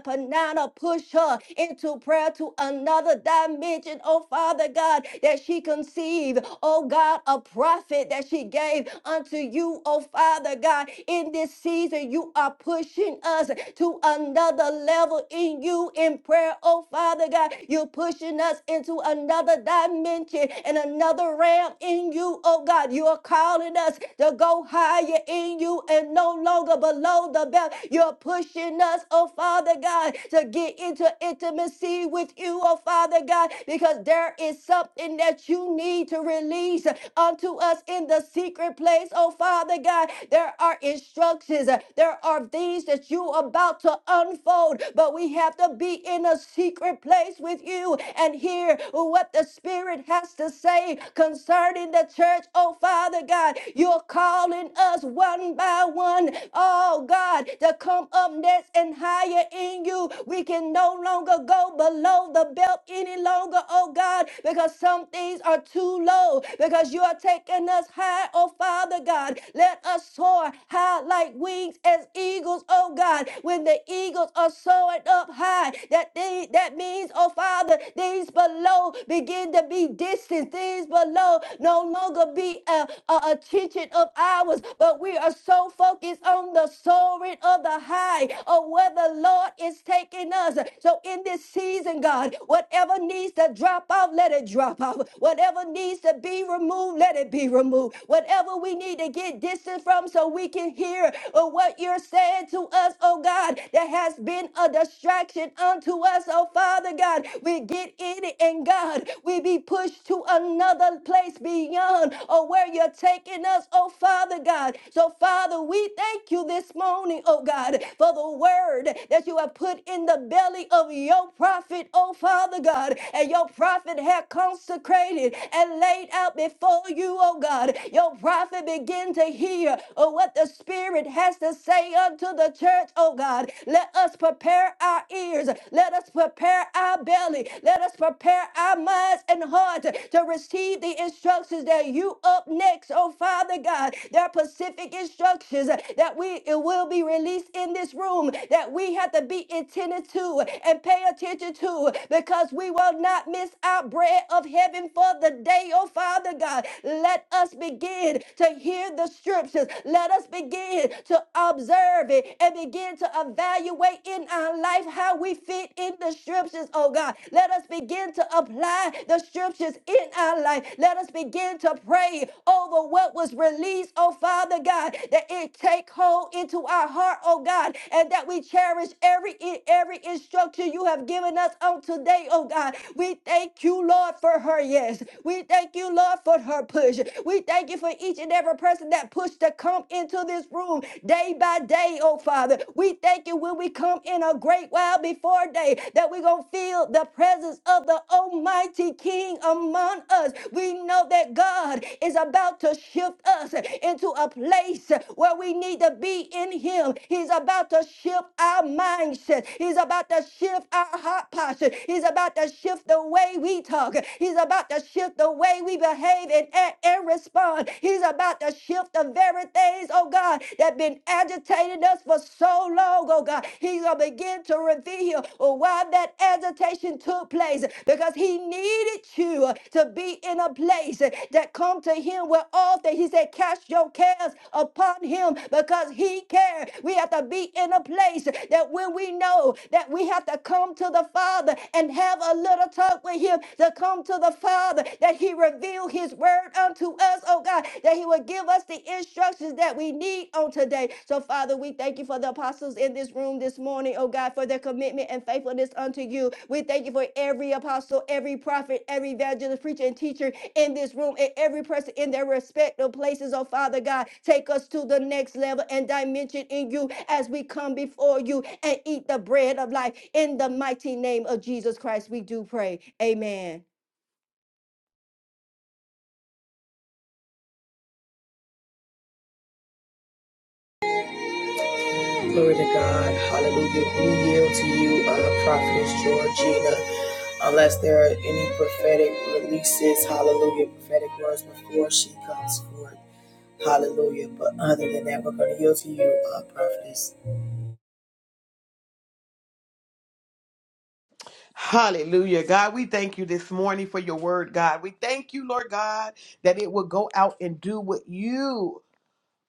B: pushed her into prayer to another dimension, oh Father God, that she conceived, oh God, a prophet that she gave unto you, oh Father God. In this season, you are pushing us to another level in you in prayer, oh Father God. You're pushing us into another dimension and another realm in you, oh God. You are calling us to go higher in you and no longer below the belt. You're pushing us, oh Father God, to get into intimacy with you, oh Father God, because there is something that you need to release unto us in the secret place, oh Father God. There are instructions, there are things that you are about to unfold, but we have to be in a secret place with you and hear what the Spirit has to say pray concerning the church. Oh, Father God, you're calling us one by one, oh God, to come up next and higher in you. We can no longer go below the belt any longer, oh God, because some things are too low, because you are taking us high, oh Father God. Let us soar high like wings as eagles, oh God. When the eagles are soaring up high, that they, that means, oh Father, these below below begin to be distant. Things below no longer be a, a attention of ours, but we are so focused on the soaring of the high or where the Lord is taking us. So in this season, God, whatever needs to drop off, let it drop off. Whatever needs to be removed, let it be removed. Whatever we need to get distant from so we can hear uh, what you're saying to us, oh God, that has been a distraction unto us, oh Father. Father God, we get in it and God, we be pushed to another place beyond or where you're taking us, oh Father God. So, Father, we thank you this morning, oh God, for the word that you have put in the belly of your prophet, oh Father God, and your prophet had consecrated and laid out before you, oh God. Your prophet begin to hear oh, what the Spirit has to say unto the church, oh God. Let us prepare prepare our ears. Let us prepare our belly. Let us prepare our minds and hearts to receive the instructions that you up next, oh Father God. There are specific instructions that we it will be released in this room that we have to be attentive to and pay attention to because we will not miss our bread of heaven for the day, oh Father God. Let us begin to hear the scriptures. Let us begin to observe it glory and begin to evaluate in our life how we fit in the scriptures, oh God. Let us begin to apply the scriptures in our life. Let us begin to pray over what was released, oh Father God, that it take hold into our heart, oh God, and that we cherish every every instruction you have given us on today, oh God. We thank you, Lord, for her yes. We thank you, Lord, for her push. We thank you for each and every person that pushed to come into into this room day by day, oh Father. We thank you when we come in a great while before day that we're going to feel the presence of the Almighty King among us. We know that God is about to shift us into a place where we need to be in Him. He's about to shift our mindset, He's about to shift our heart posture, He's about to shift the way we talk, He's about to shift the way we behave and act and respond. He's He's about to shift the very things, oh God, that been agitating us for so long, oh God. He's going to begin to reveal oh, why that agitation took place because he needed you to be in a place that come to him with all things. He said, cast your cares upon him because he cares. We have to be in a place that when we know that we have to come to the Father and have a little talk with him to come to the Father, that he reveals reveal his word unto us, oh God, that he would give us the instructions that we need on today. So, Father, we thank you for the apostles in this room this morning, oh God, for their commitment and faithfulness unto you. We thank you for every apostle, every prophet, every evangelist, preacher, and teacher in this room, and every person in their respective places, oh Father God. Take us to the next level and dimension in you as we come before you and eat the bread of life. In the mighty name of Jesus Christ, we do pray. Amen.
A: Glory to God. Hallelujah. We yield to you, uh, Prophetess Georgina. Unless there are any prophetic releases, hallelujah, prophetic words before she comes forth. Hallelujah. But other than that, we're going to yield to you, uh, Prophetess.
C: Hallelujah. God, we thank you this morning for your word, God. We thank you, Lord God, that it will go out and do what you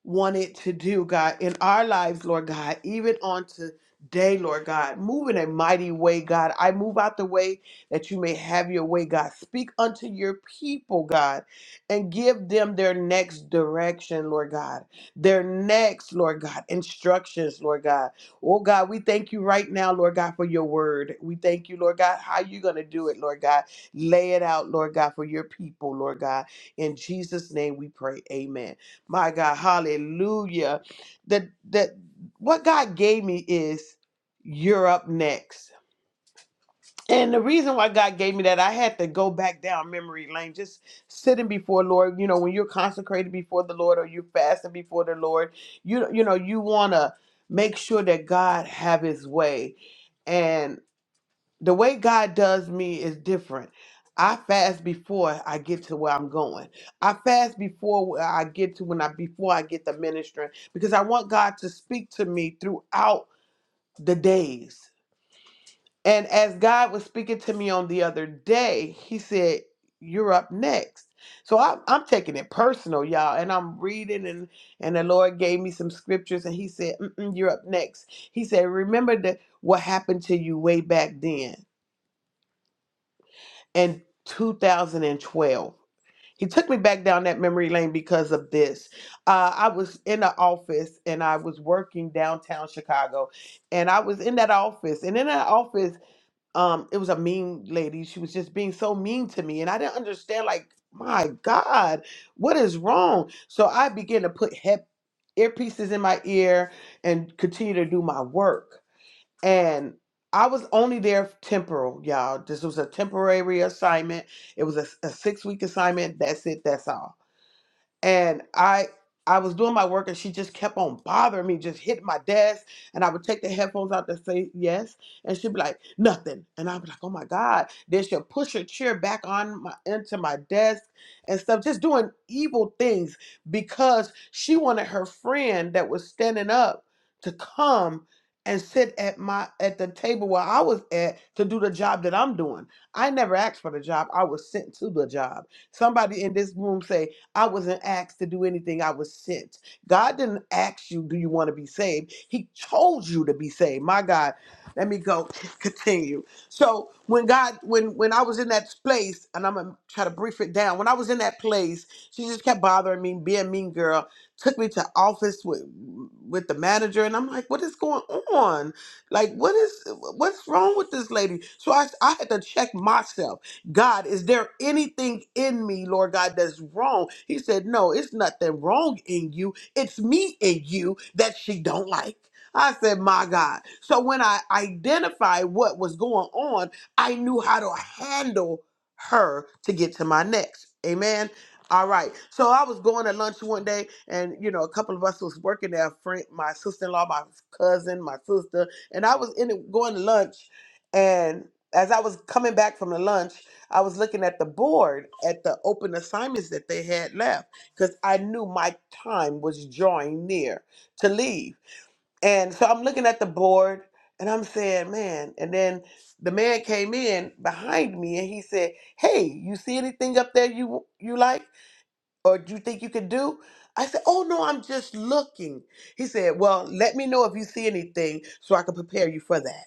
C: wanted to do, God, in our lives, Lord God, even on today, Lord God. Move in a mighty way, God. I move out the way that you may have your way, God. Speak unto your people, God, and give them their next direction, Lord God. Their next, Lord God, instructions, Lord God. Oh, God, we thank you right now, Lord God, for your word. We thank you, Lord God, how you going to do it, Lord God. Lay it out, Lord God, for your people, Lord God. In Jesus' name we pray. Amen. My God, hallelujah. That that what God gave me is you're up next. And the reason why God gave me that, I had to go back down memory lane, just sitting before Lord. You know, when you're consecrated before the Lord or you're fasting before the Lord, you you know, you wanna make sure that God have his way and the way God does me is different. I fast before I get to where I'm going. I fast before where I get to when I before I get the ministering because I want God to speak to me throughout the days. And as God was speaking to me on the other day, He said, "You're up next." So I'm, I'm taking it personal, y'all, and I'm reading, and and the Lord gave me some scriptures, and He said, Mm-mm, "You're up next." He said, "Remember that what happened to you way back then." in 2012. He took me back down that memory lane because of this. Uh, I was in the office and I was working downtown Chicago, and I was in that office. And in that office, um, it was a mean lady. She was just being so mean to me, and I didn't understand. Like, my God, what is wrong? So I began to put head earpieces in my ear and continue to do my work and I was only there temporal, y'all. This was a temporary assignment. It was a, a six week assignment. That's it. That's all and I I was doing my work and she just kept on bothering me, just hitting my desk. And I would take the headphones out to say yes. And she'd be like, nothing. And I'd be like, oh my God. Then she'll push her chair back on my into my desk and stuff, just doing evil things because she wanted her friend that was standing up to come and sit at my at the table where I was at to do the job that I'm doing. I never asked for the job. I was sent to the job. Somebody in this room say, I wasn't asked to do anything, I was sent. God didn't ask you, do you want to be saved? He chose you to be saved. My God, let me go continue. So when God, when when I was in that place, and I'm gonna try to brief it down. When I was in that place, she just kept bothering me, being a mean girl. Took me to office with with the manager, and I'm like, what is going on? Like, what is what's wrong with this lady? So I I had to check myself. God, is there anything in me, Lord God, that's wrong? He said, No, it's nothing wrong in you. It's me in you that she don't like. I said, My God. So when I identified what was going on, I knew how to handle her to get to my next. Amen. All right. So I was going to lunch one day, and you know, a couple of us was working there. Friend, my sister-in-law, my cousin, my sister, and I was in it going to lunch, and as I was coming back from the lunch. I was looking at the board at the open assignments that they had left because I knew my time was drawing near to leave. And so I'm looking at the board and I'm saying, man. And then the man came in behind me and he said, hey, you see anything up there you you like or do you think you could do? I said, oh no, I'm just looking. He said, well, let me know if you see anything so I can prepare you for that.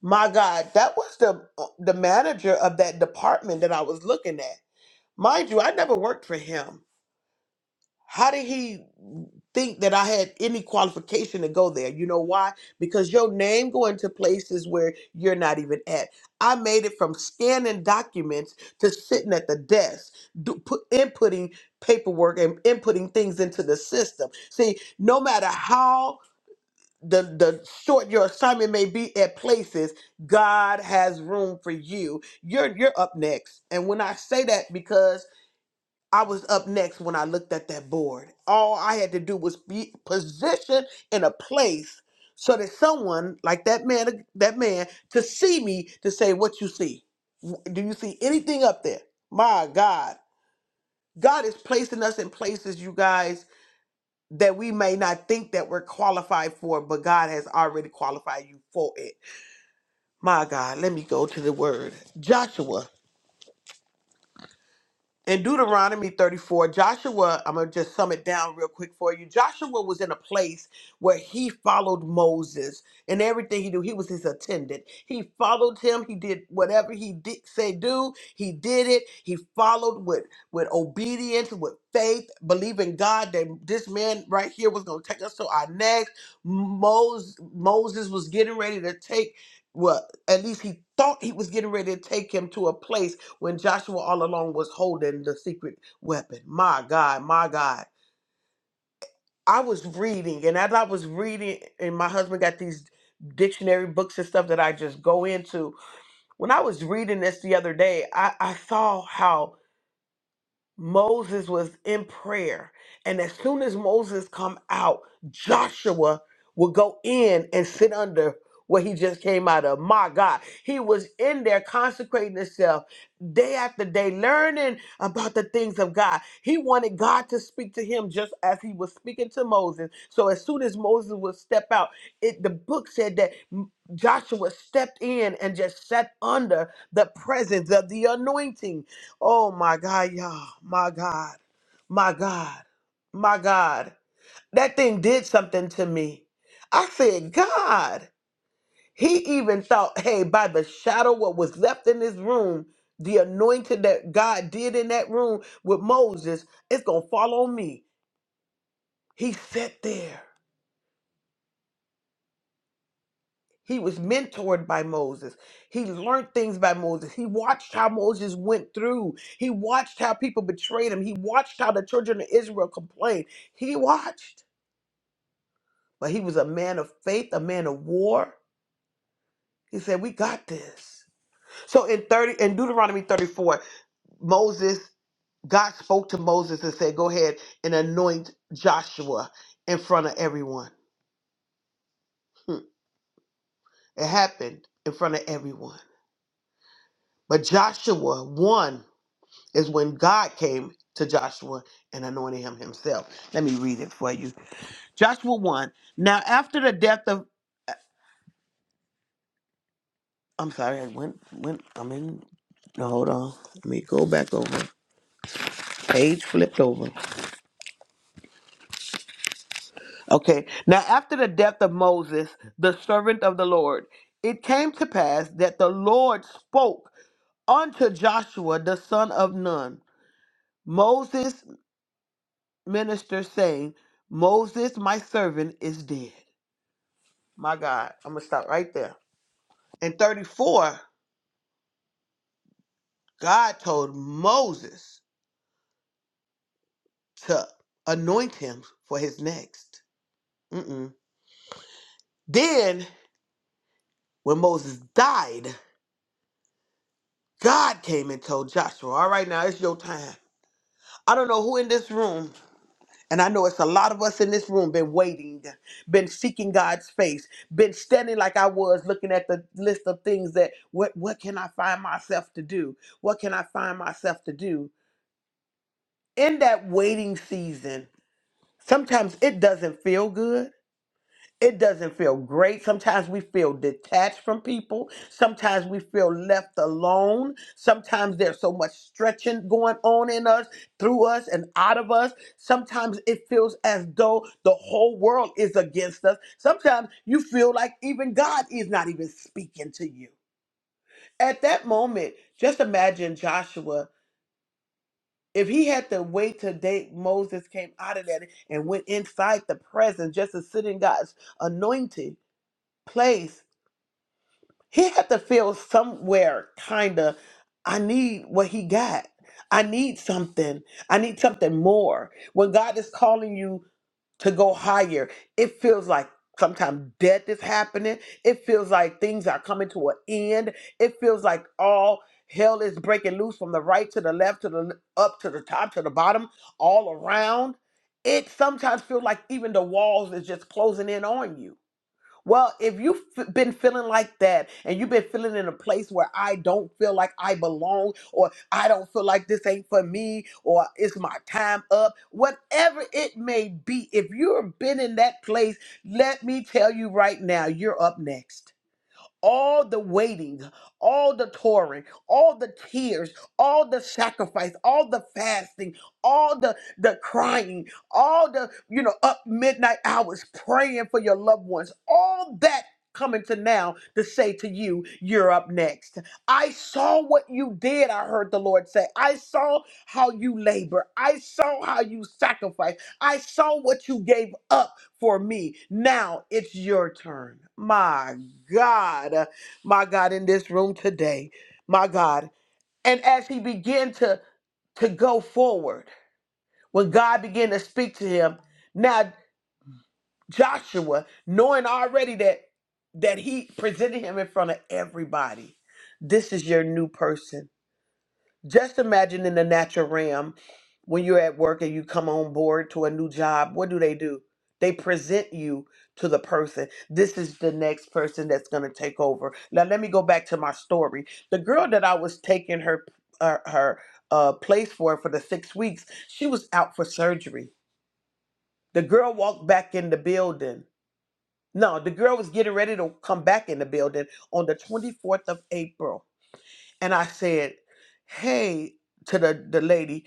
C: My God, that was the uh, the manager of that department that I was looking at. Mind you, I never worked for him. How did he think that I had any qualification to go there? You know why? Because your name going to places where you're not even at. I made it from scanning documents to sitting at the desk, do, put, inputting paperwork and inputting things into the system. See, no matter how the the short your assignment may be at places god has room for you you're you're up next and when i say that because i was up next when i looked at that board all i had to do was be positioned in a place so that someone like that man that man to see me to say what you see do you see anything up there my god god is placing us in places you guys that we may not think that we're qualified for, but God has already qualified you for it. My God, let me go to the word. Joshua in Deuteronomy 34, Joshua, I'm going to just sum it down real quick for you. Joshua was in a place where he followed Moses and everything he do, He was his attendant. He followed him. He did whatever he did say do. He did it. He followed with, with obedience, with faith, believing God that this man right here was going to take us to our next. Moses, Moses was getting ready to take, well, at least he thought he was getting ready to take him to a place when Joshua all along was holding the secret weapon. My God, my God. I was reading, and as I was reading, and my husband got these dictionary books and stuff that I just go into. When I was reading this the other day, I, I saw how Moses was in prayer, and as soon as Moses come out, Joshua would go in and sit under what he just came out of. My God, he was in there consecrating himself day after day, learning about the things of God. He wanted God to speak to him just as he was speaking to Moses. So as soon as Moses would step out, it the book said that M- Joshua stepped in and just sat under the presence of the anointing Oh my God, y'all. My God. My God. My God. That thing did something to me. I said, God. He even thought, hey, by the shadow what was left in this room, the anointing that God did in that room with Moses, it's gonna fall on me. He sat there. He was mentored by Moses. He learned things by Moses. He watched how Moses went through. He watched how people betrayed him. He watched how the children of Israel complained. He watched. But he was a man of faith, a man of war. He said, "We got this." So in 30 in Deuteronomy 34, Moses God spoke to Moses and said, "Go ahead and anoint Joshua in front of everyone." Hmm. It happened in front of everyone. But Joshua won is when God came to Joshua and anointed him himself. Let me read it for you. Joshua 1. Now, after the death of, I'm sorry, I went, went, I'm in, no, hold on. Let me go back over. Page flipped over. Okay. Now, after the death of Moses, the servant of the Lord, it came to pass that the Lord spoke unto Joshua, the son of Nun, Moses' minister, saying, Moses, my servant, is dead. My God, I'm going to stop right there. In 34, God told Moses to anoint him for his next. Mm-mm. Then, when Moses died, God came and told Joshua, All right, now it's your time. I don't know who in this room, and I know it's a lot of us in this room, been waiting, been seeking God's face, been standing like I was looking at the list of things that what, what can I find myself to do? What can I find myself to do? In that waiting season, Sometimes it doesn't feel good. It doesn't feel great. Sometimes we feel detached from people. Sometimes we feel left alone. Sometimes there's so much stretching going on in us, through us, and out of us. Sometimes it feels as though the whole world is against us. Sometimes you feel like even God is not even speaking to you. At that moment, just imagine Joshua if he had to wait till day Moses came out of that and went inside the presence just to sit in God's anointed place, he had to feel somewhere kind of, I need what he got. I need something. I need something more. When God is calling you to go higher. It feels like sometimes death is happening. It feels like things are coming to an end. It feels like all hell is breaking loose from the right to the left to the up to the top to the bottom, all around. It sometimes feels like even the walls is just closing in on you well, if you've f- been feeling like that and you've been feeling in a place where I don't feel like I belong or I don't feel like this ain't for me or it's my time up, whatever it may be, if you've been in that place, let me tell you right now, you're up next all the waiting, all the touring, all the tears, all the sacrifice, all the fasting, all the the crying, all the you know up midnight hours praying for your loved ones, all that coming to now to say to you, you're up next. I saw what you did, I heard the Lord say. I saw how you labor. I saw how you sacrifice. I saw what you gave up for me. Now it's your turn. My God, my God, in this room today, my God. And as he began to, to go forward, when God began to speak to him, now Joshua, knowing already that that he presented him in front of everybody, this is your new person just imagine in the natural realm when you're at work and you come on board to a new job, what do they do? They present you to the person. This is the next person that's going to take over. Now let me go back to my story. The girl that I was taking her uh, her uh, place for for the 6 weeks, she was out for surgery. The girl walked back in the building. No, the girl was getting ready to come back in the building on the 24th of April and I said, "Hey," to the the lady,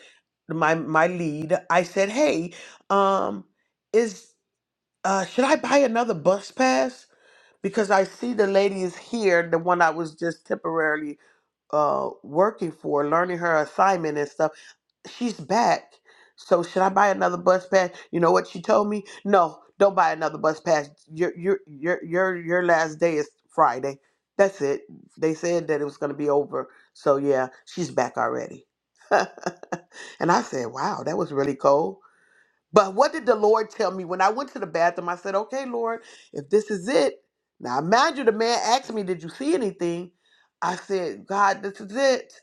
C: my my lead. I said, "Hey, um, is uh, should I buy another bus pass because I see the lady is here, the one I was just temporarily uh working for, learning her assignment and stuff." she's back. So should I buy another bus pass? You know what she told me? No, don't buy another bus pass. Your your your your your last day is Friday. That's it. They said that it was gonna be over. So yeah, she's back already. and I said, Wow, that was really cold. But what did the Lord tell me when I went to the bathroom? I said, Okay, Lord, if this is it. Now mind you, the man asked me, Did you see anything? I said, God, this is it.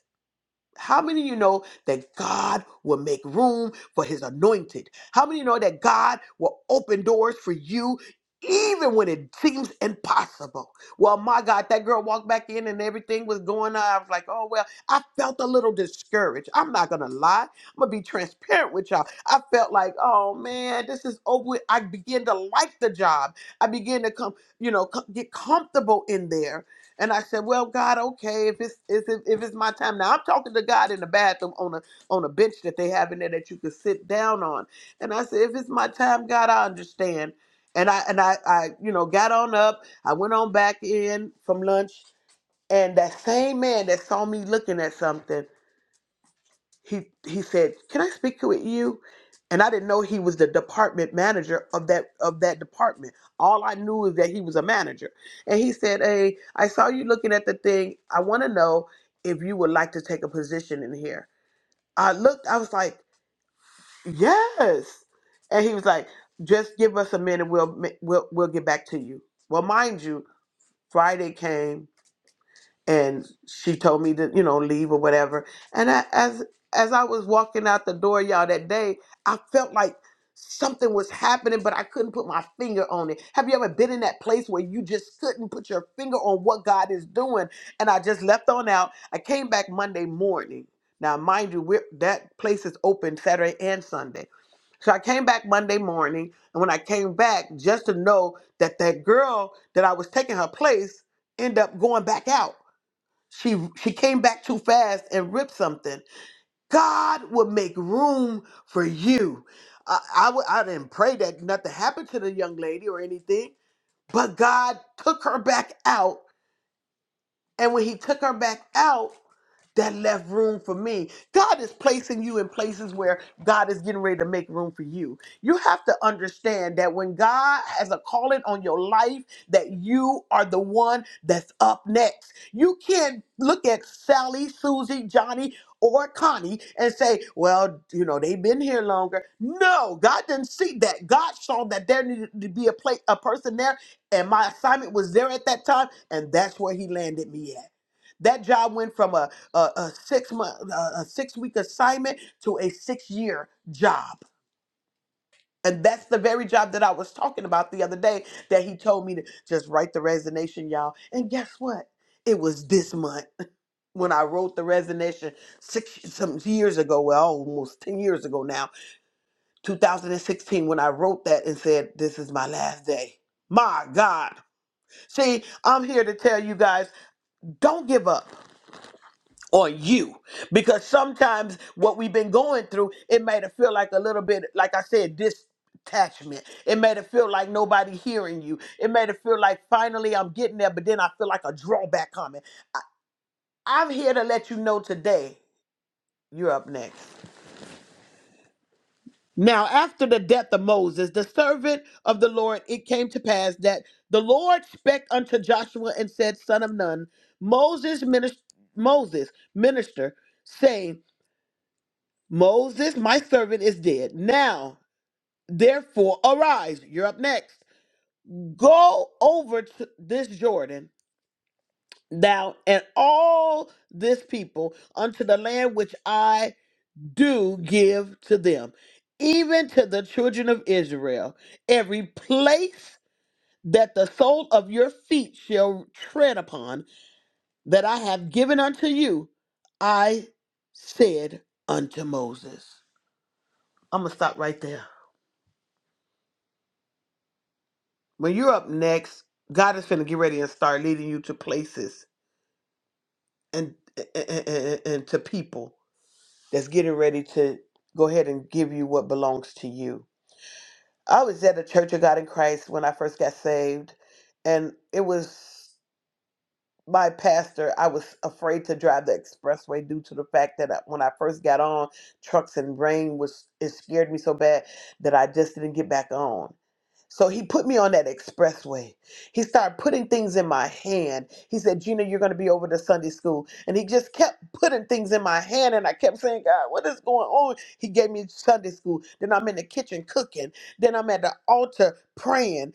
C: How many of you know that God will make room for his anointed? How many of you know that God will open doors for you even when it seems impossible? Well, my God, that girl walked back in and everything was going on. I was like, oh, well, I felt a little discouraged. I'm not going to lie. I'm going to be transparent with y'all. I felt like, oh, man, this is over. with. I began to like the job. I began to come, you know, co- get comfortable in there and I said, "Well, God, okay, if it's if it- if it's my time now, I'm talking to God in the bathroom on a on a bench that they have in there that you could sit down on." And I said, "If it's my time, God, I understand." And I and I I you know got on up. I went on back in from lunch, and that same man that saw me looking at something he he said, "Can I speak with you?" And I didn't know he was the department manager of that of that department. All I knew is that he was a manager. And he said, "Hey, I saw you looking at the thing. I want to know if you would like to take a position in here." I looked. I was like, "Yes." And he was like, "Just give us a minute. We'll we'll we'll get back to you." Well, mind you, Friday came and she told me to you know leave or whatever and I, as as i was walking out the door y'all that day i felt like something was happening but i couldn't put my finger on it have you ever been in that place where you just couldn't put your finger on what god is doing and i just left on out i came back monday morning now mind you we're, that place is open saturday and sunday so I came back Monday morning, and when I came back, just to know that that girl that I was taking her place ended up going back out she she came back too fast and ripped something. God will make room for you. I I w- I didn't pray that nothing happened to the young lady or anything, but God took her back out. And when He took her back out, that left room for me. God is placing you in places where God is getting ready to make room for you. You have to understand that when God has a calling on your life, that you are the one that's up next. You can't look at Sally, Susie, Johnny, or Connie and say, well, you know, they've been here longer. No, God didn't see that. God saw that there needed to be a place, a person there, and my assignment was there at that time, and that's where He landed me at. That job went from a a, a six month a, a six week assignment to a six year job and that's the very job that i was talking about the other day that he told me to just write the resignation y'all and guess what it was this month when i wrote the resignation six some years ago well almost 10 years ago now 2016 when i wrote that and said this is my last day my god see i'm here to tell you guys don't give up On you because sometimes what we've been going through it made it feel like a little bit like i said detachment it made it feel like nobody hearing you it made it feel like finally i'm getting there but then i feel like a drawback coming i'm here to let you know today you're up next now after the death of moses the servant of the lord it came to pass that the lord spake unto joshua and said son of nun moses minister moses minister saying Moses, my servant, is dead. Now, therefore, arise. You're up next. Go over to this Jordan, thou and all this people, unto the land which I do give to them, even to the children of Israel. Every place that the sole of your feet shall tread upon, that I have given unto you, I said unto Moses. I'm going to stop right there. when you're up next, God is finna get ready and start leading you to places and and, and, and to people that's getting ready to go ahead and give you what belongs to you. I was at a Church of God in Christ when I first got saved, and it was. my pastor, I was afraid to drive the expressway due to the fact that I, when I first got on, trucks and rain was it scared me so bad that I just didn't get back on. So he put me on that expressway. He started putting things in my hand. He said, Gina, you're going to be over to Sunday school. And he just kept putting things in my hand. And I kept saying, God, what is going on? He gave me Sunday school. Then I'm in the kitchen cooking. Then I'm at the altar praying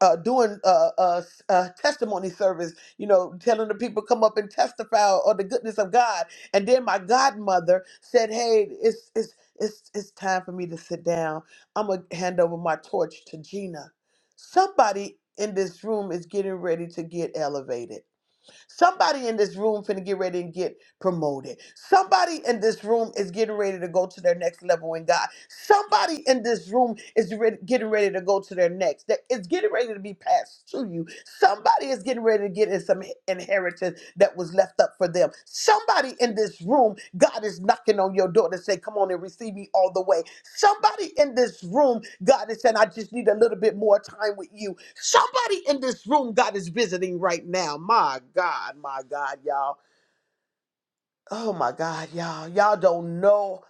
C: uh, doing uh, uh, uh, testimony service, you know, telling the people come up and testify or the goodness of God. And then my godmother said, "Hey, it's it's it's it's time for me to sit down. I'm gonna hand over my torch to Gina. Somebody in this room is getting ready to get elevated." Somebody in this room finna get ready and get promoted. Somebody in this room is getting ready to go to their next level in God. Somebody in this room is re- getting ready to go to their next. That it's getting ready to be passed to you. Somebody is getting ready to get in some inheritance that was left up for them. Somebody in this room, God is knocking on your door to say, Come on and receive me all the way. Somebody in this room, God is saying, I just need a little bit more time with you. Somebody in this room, God is visiting right now. My God, my God, y'all. Oh my God, y'all. Y'all don't know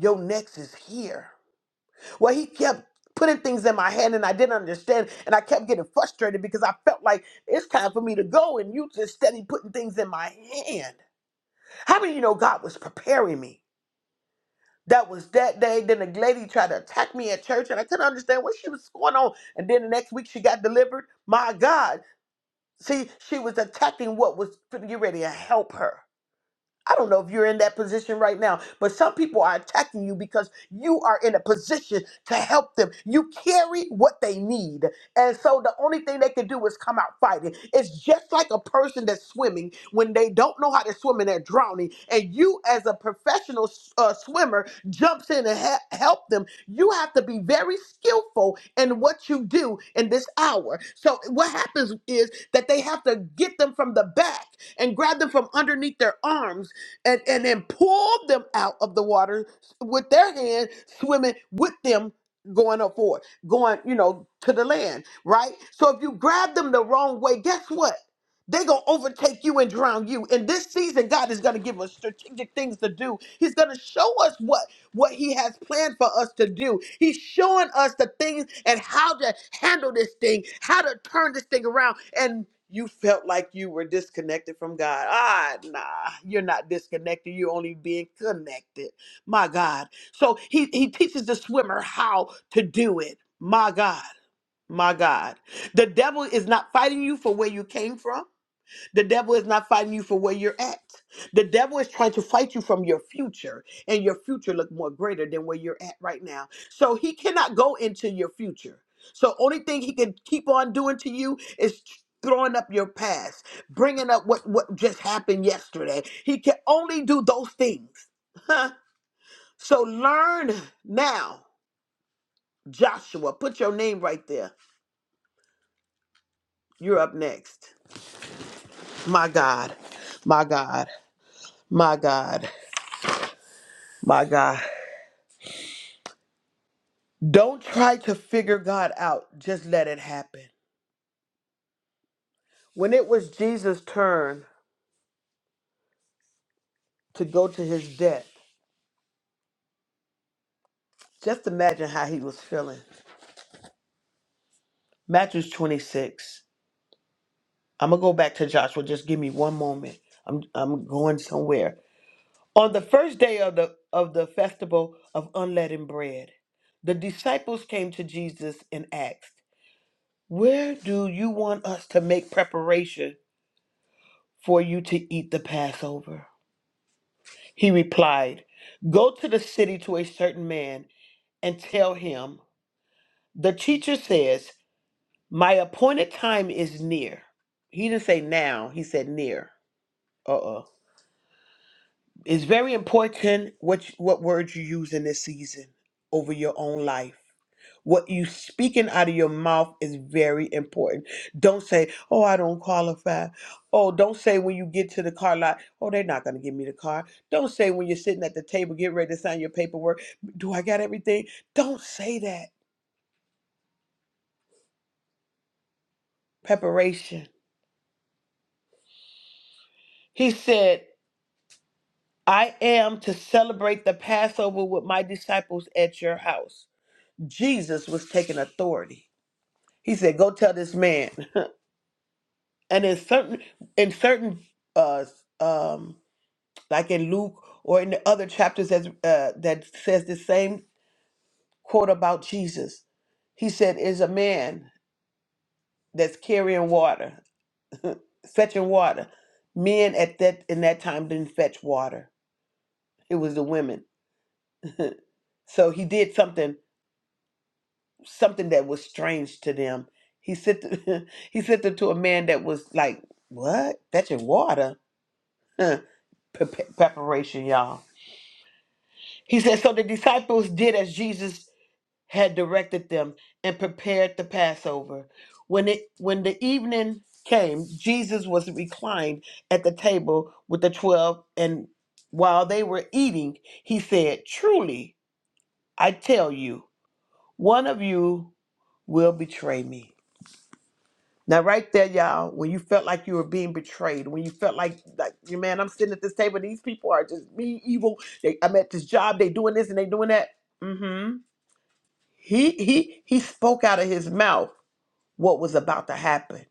C: your next is here. Well, he kept putting things in my hand and I didn't understand. And I kept getting frustrated because I felt like it's time for me to go. And you just steady putting things in my hand. How many of you know God was preparing me? That was that day. Then the lady tried to attack me at church, and I couldn't understand what she was going on. And then the next week she got delivered. My God. See, she was attacking what was finna get ready to help her. I don't know if you're in that position right now, but some people are attacking you because you are in a position to help them. You carry what they need. And so the only thing they can do is come out fighting. It's just like a person that's swimming when they don't know how to swim and they're drowning. And you, as a professional uh, swimmer, jumps in and ha- help them. You have to be very skillful in what you do in this hour. So what happens is that they have to get them from the back and grab them from underneath their arms and, and then pulled them out of the water with their hand swimming with them going up forward, going, you know, to the land, right? So if you grab them the wrong way, guess what? They're going to overtake you and drown you. In this season, God is going to give us strategic things to do. He's going to show us what what he has planned for us to do. He's showing us the things and how to handle this thing, how to turn this thing around. And you felt like you were disconnected from God. Ah, nah, you're not disconnected. You're only being connected. My God. So he, he teaches the swimmer how to do it. My God. My God. The devil is not fighting you for where you came from. The devil is not fighting you for where you're at. The devil is trying to fight you from your future, and your future look more greater than where you're at right now. So he cannot go into your future. So only thing he can keep on doing to you is throwing up your past, bringing up what what just happened yesterday. He can only do those things. Huh? So learn now, Joshua. Put your name right there. You're up next. My God, my God, my God, my God. Don't try to figure God out. Just let it happen. When it was Jesus' turn to go to his death, just imagine how he was feeling. Matthew 26. I'm going to go back to Joshua. Just give me one moment. I'm, I'm going somewhere. On the first day of the, of the festival of unleavened bread, the disciples came to Jesus and asked, Where do you want us to make preparation for you to eat the Passover? He replied, Go to the city to a certain man and tell him, The teacher says, My appointed time is near. He didn't say now, he said near. Uh uh It's very important what, you- what words you use in this season over your own life. What you speaking out of your mouth is very important. Don't say, "Oh, I don't qualify." Oh, don't say when you get to the car lot, "Oh, they're not going to give me the car." Don't say when you're sitting at the table getting ready to sign your paperwork, "Do I got everything?" Don't say that. Preparation. He said, "I am to celebrate the Passover with my disciples at your house." Jesus was taking authority. He said, "Go tell this man." And in certain in certain uh um like in Luke or in the other chapters that uh, that says the same quote about Jesus. He said, "Is a man that's carrying water, fetching water. Men at that in that time didn't fetch water. It was the women. So he did something something that was strange to them. He sent the- he sent them to a man that was like what fetching water." Huh. Pre- pre- Preparation, y'all. He said, So the disciples did as Jesus had directed them and prepared the Passover. When it when the evening came, Jesus was reclined at the table with the twelve, and while they were eating, he said, Truly, I tell you, one of you will betray me. Now, right there, y'all, when you felt like you were being betrayed, when you felt like, like, you man, I'm sitting at this table, these people are just me evil. They, I'm at this job, they doing this and they doing that. Mm-hmm. He he he spoke out of his mouth what was about to happen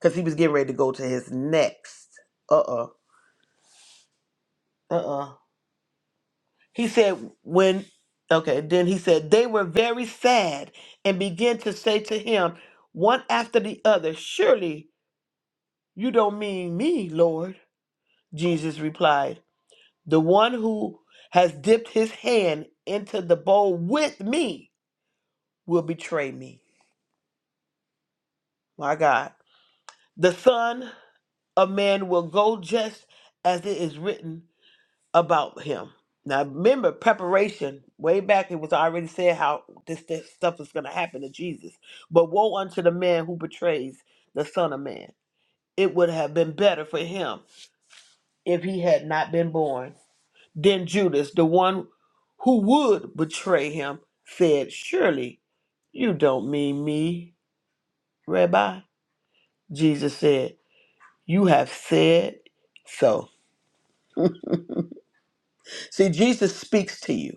C: because he was getting ready to go to his next. Uh uh-uh, uh. He said, when, okay, then he said, they were very sad and began to say to him, one after the other, Surely you don't mean me, Lord. Jesus replied, The one who has dipped his hand into the bowl with me will betray me. My God. The Son of Man will go just as it is written about him. Now remember preparation. Way back it was already said how this, this stuff is gonna happen to Jesus. But woe unto the man who betrays the Son of Man. It would have been better for him if he had not been born. Then Judas, the one who would betray him, said, Surely you don't mean me, Rabbi. Jesus said, You have said so. See, Jesus speaks to you.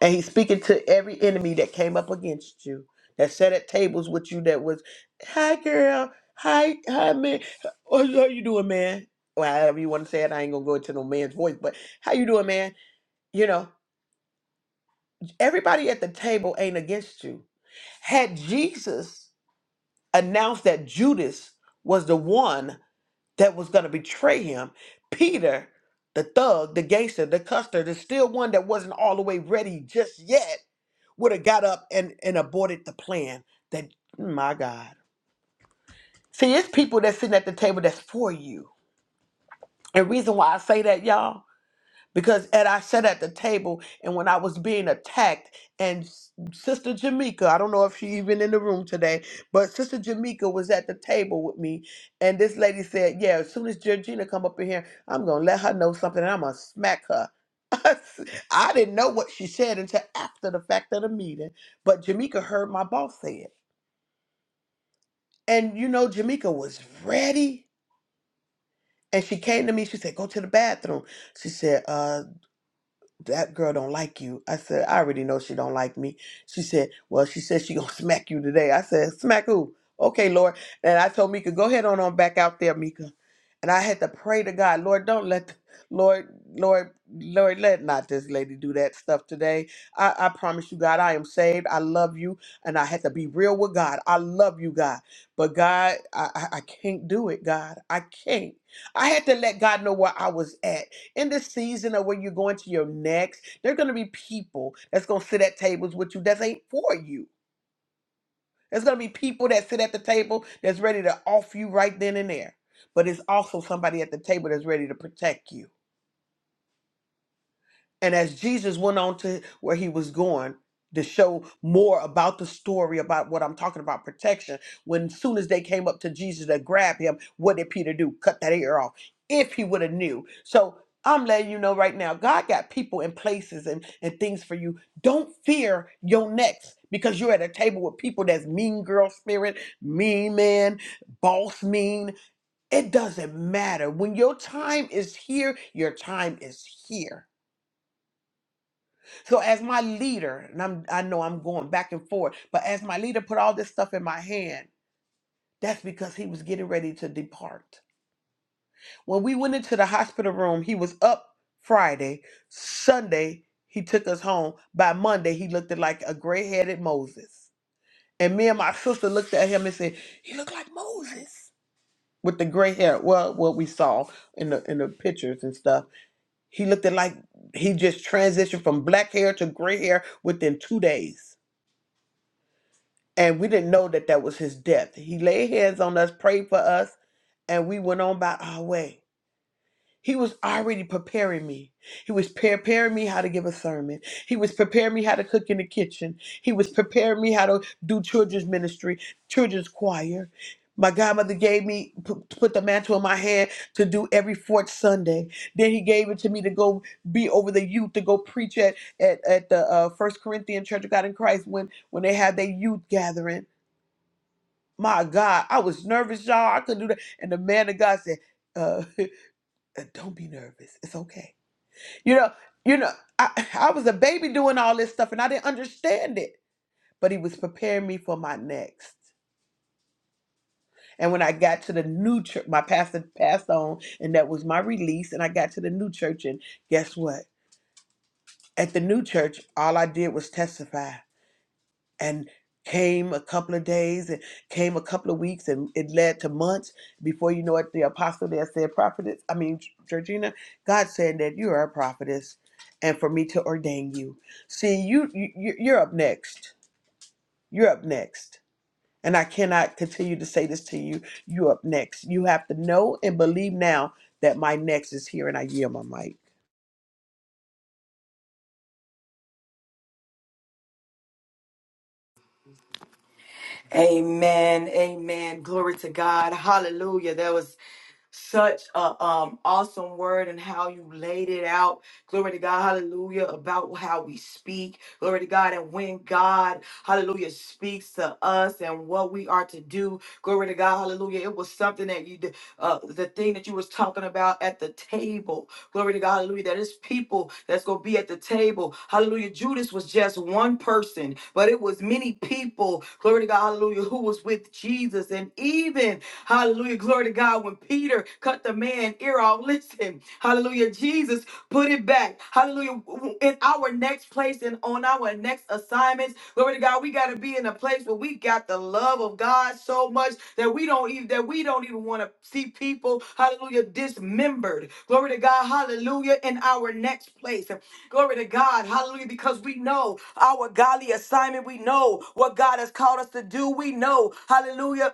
C: And he's speaking to every enemy that came up against you, that sat at tables with you, that was, hi girl, hi, hi man, oh, how you doing, man? Well, however you want to say it, I ain't gonna go into no man's voice, but how you doing, man? You know, everybody at the table ain't against you. Had Jesus announced that Judas was the one that was gonna betray him, Peter, the thug, the gangster, the custer, the still one that wasn't all the way ready just yet would have got up and, and aborted the plan that my God. See, it's people that's sitting at the table that's for you. And reason why I say that, y'all, because as I sat at the table and when I was being attacked, and S- Sister Jamaica, I don't know if she even in the room today, but Sister Jamaica was at the table with me, and this lady said, "Yeah, as soon as Georgina come up in here, I'm gonna let her know something, and I'm gonna smack her." I didn't know what she said until after the fact of the meeting, but Jamaica heard my boss say it. And you know, Jamaica was ready. And she came to me, she said, Go to the bathroom. She said, uh, that girl don't like you. I said, I already know she don't like me. She said, well, she said she gonna smack you today. I said, smack who? Okay, Lord. And I told Mika, go ahead on on back out there, Mika. And I had to pray to God, Lord, don't let, the, Lord, Lord, Lord, let not this lady do that stuff today. I, I promise you, God, I am saved. I love you. And I had to be real with God. I love you, God. But God, I, I, I can't do it, God. I can't. I had to let God know where I was at in this season of where you're going to your next, there are going to be people that's going to sit at tables with you that ain't for you. There's going to be people that sit at the table that's ready to off you right then and there. But it's also somebody at the table that's ready to protect you And as Jesus went on to where he was going to show more about the story about what I'm talking about protection, when soon as they came up to Jesus to grab him, what did Peter do? Cut that ear off. If he would have knew. So I'm letting you know right now, God got people and places and, and things for you. Don't fear your next because you're at a table with people that's mean girl spirit, mean man, boss mean. It doesn't matter. When your time is here, your time is here so as my leader, and I'm I know I'm going back and forth, but as my leader put all this stuff in my hand, that's because he was getting ready to depart. When we went into the hospital room, he was up Friday. Sunday, he took us home. By Monday, he looked like a gray-headed Moses. And me and my sister looked at him and said, He looked like Moses. With the gray hair. Well, what we saw in the in the pictures and stuff. He looked at like he just transitioned from black hair to gray hair within two days and we didn't know that that was his death. He laid hands on us, prayed for us, and we went on by our way. He was already preparing me. He was preparing me how to give a sermon. He was preparing me how to cook in the kitchen. He was preparing me how to do children's ministry, children's choir. My godmother gave me put, put the mantle in my hand to do every fourth Sunday. Then he gave it to me to go be over the youth to go preach at at, at the uh, First Corinthian Church of God in Christ when when they had their youth gathering my God, I was nervous, y'all. I couldn't do that. And the man of God said, uh, "Don't be nervous. It's okay." You know, you know, I, I was a baby doing all this stuff, and I didn't understand it. But he was preparing me for my next. And when I got to the new church, my pastor passed on, and that was my release. And I got to the new church, and guess what? At the new church, all I did was testify. and came a couple of days and came a couple of weeks and it led to months before you know it the apostle there said prophetess i mean georgina god said that you are a prophetess and for me to ordain you see you, you you- are up next you're up next and i cannot continue to say this to you you're up next you have to know and believe now that my next is here and i yield my mic
D: Amen. Amen. Glory to God. Hallelujah. There was such a um awesome word and how you laid it out. Glory to God, hallelujah, about how we speak. Glory to God, and when God, hallelujah, speaks to us and what we are to do. Glory to God, hallelujah. It was something that you did, uh the thing that you was talking about at the table. Glory to God, hallelujah. That is people that's gonna be at the table. Hallelujah. Judas was just one person, but it was many people, glory to God, hallelujah, who was with Jesus. And even Hallelujah. Glory to God. When Peter cut the man ear off, listen. Hallelujah. Jesus put it back. Hallelujah. In our next place and on our next assignments, glory to God, we got to be in a place where we got the love of God so much that we don't even that we don't even want to see people, hallelujah, dismembered. Glory to God. Hallelujah. In our next place. Glory to God. Hallelujah. Because we know our godly assignment. We know what God has called us to do. We know, hallelujah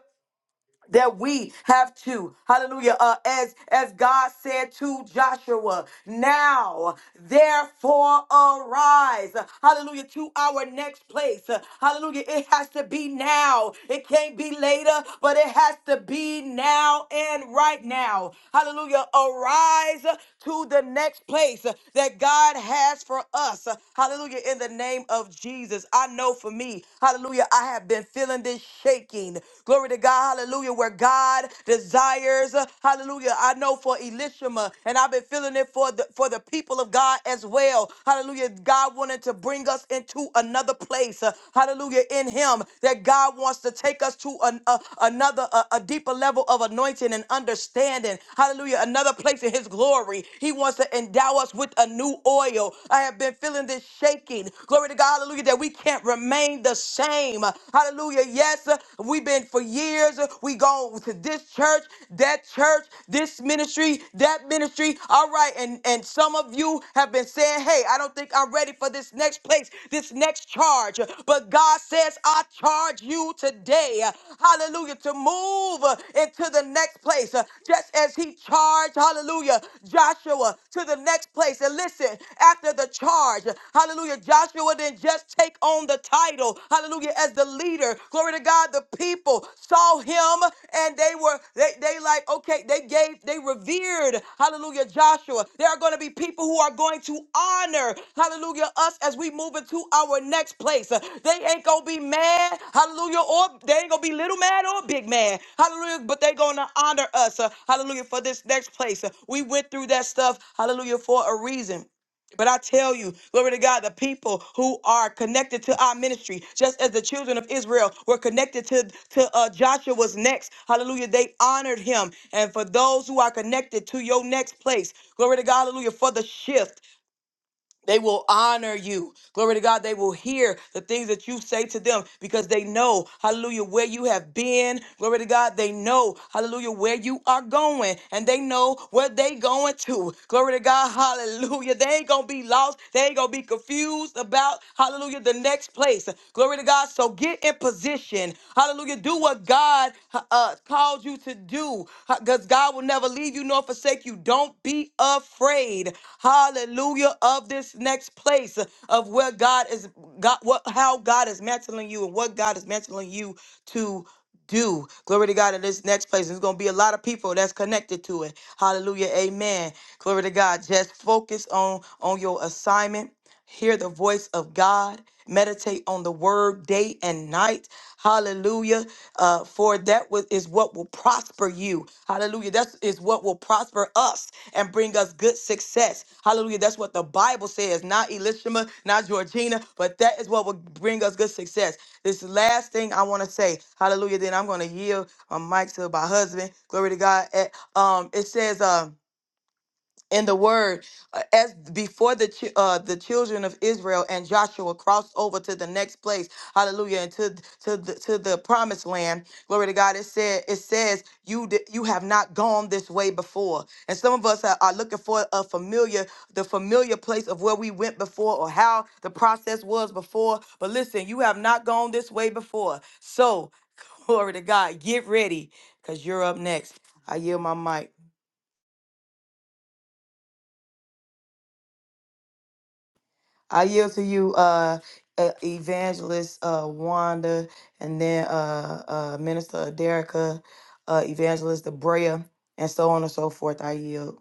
D: that we have to hallelujah uh, as as god said to joshua now therefore arise hallelujah to our next place hallelujah it has to be now it can't be later but it has to be now and right now hallelujah arise to the next place that god has for us hallelujah in the name of jesus i know for me hallelujah i have been feeling this is shaking. Glory to God, hallelujah, where God desires, hallelujah. I know for Elishama, and I've been feeling it for the for the people of God as well. Hallelujah. God wanted to bring us into another place. uh, Hallelujah. In him that God wants to take us to an, a, another a, a deeper level of anointing and understanding. Hallelujah. Another place in his glory. He wants to endow us with a new oil. I have been feeling this shaking. Glory to God. Hallelujah. That we can't remain remain the same. Hallelujah. Yes, we've been for years. We go to this church, that church, this ministry, that ministry. All right. And, and some of you have been saying, hey, I don't think I'm ready for this next place, this next charge. But God says, I charge you today. Hallelujah. To move into the next place. Just as he charged, hallelujah, Joshua to the next place. And listen, after the charge, hallelujah that Joshua would then just take on the title, hallelujah, as the leader. Glory to God, the people saw him and they were, they, they like, okay, they gave, they revered, hallelujah, Joshua. There are going to be people who are going to honor, hallelujah, us as we move into our next place. Uh, They ain't going to be mad, hallelujah, or they ain't going to be little mad or big mad, hallelujah, but they are going to honor us, uh, hallelujah, for this next place. Uh, We went through that stuff, hallelujah, for a reason. But I tell you, glory to God, the people who are connected to our ministry, just as the children of Israel were connected to, to uh, Joshua's next, hallelujah, they honored him. And for those who are connected to your next place, glory to God, hallelujah, for the shift. They will honor you. Glory to God. They will hear the things that you say to them because they know, hallelujah, where you have been. Glory to God. They know, hallelujah, where you are going and they know where they going to. Glory to God. Hallelujah. They ain't going to be lost. They ain't going to be confused about, hallelujah, the next place. Glory to God. So get in position. Hallelujah. Do what God uh, called you to do do because God will never leave you nor forsake you. Don't be afraid. Hallelujah of this next place of where God is God what how God is mantling you and what God is mantling you to do. Glory to God in this next place. There's going to be a lot of people that's connected to it. Hallelujah. Amen. Glory to God. Just focus on on your assignment hear the voice of God, meditate on the word day and night. Hallelujah. Uh, for that was, is what will prosper you. Hallelujah. That is what will prosper us and bring us good success. Hallelujah. That's what the Bible says, not Elishama, not Georgina, but that is what will bring us good success. This last thing I want to say, hallelujah, then I'm going to yield a mic to my husband. Glory to God. Eh, Um, it says, uh, in the word uh, as before the chi- uh, the children of Israel and Joshua crossed over to the next place hallelujah and to to the, to the promised land glory to God it said it says you d- you have not gone this way before and some of us are, are looking for a familiar the familiar place of where we went before or how the process was before but listen you have not gone this way before so glory to God get ready cuz you're up next I yield my mic I yield to you, uh, uh, Evangelist uh, Wanda, and then uh, uh, Minister Derica, uh, Evangelist Debrea, and so on and so forth. I yield.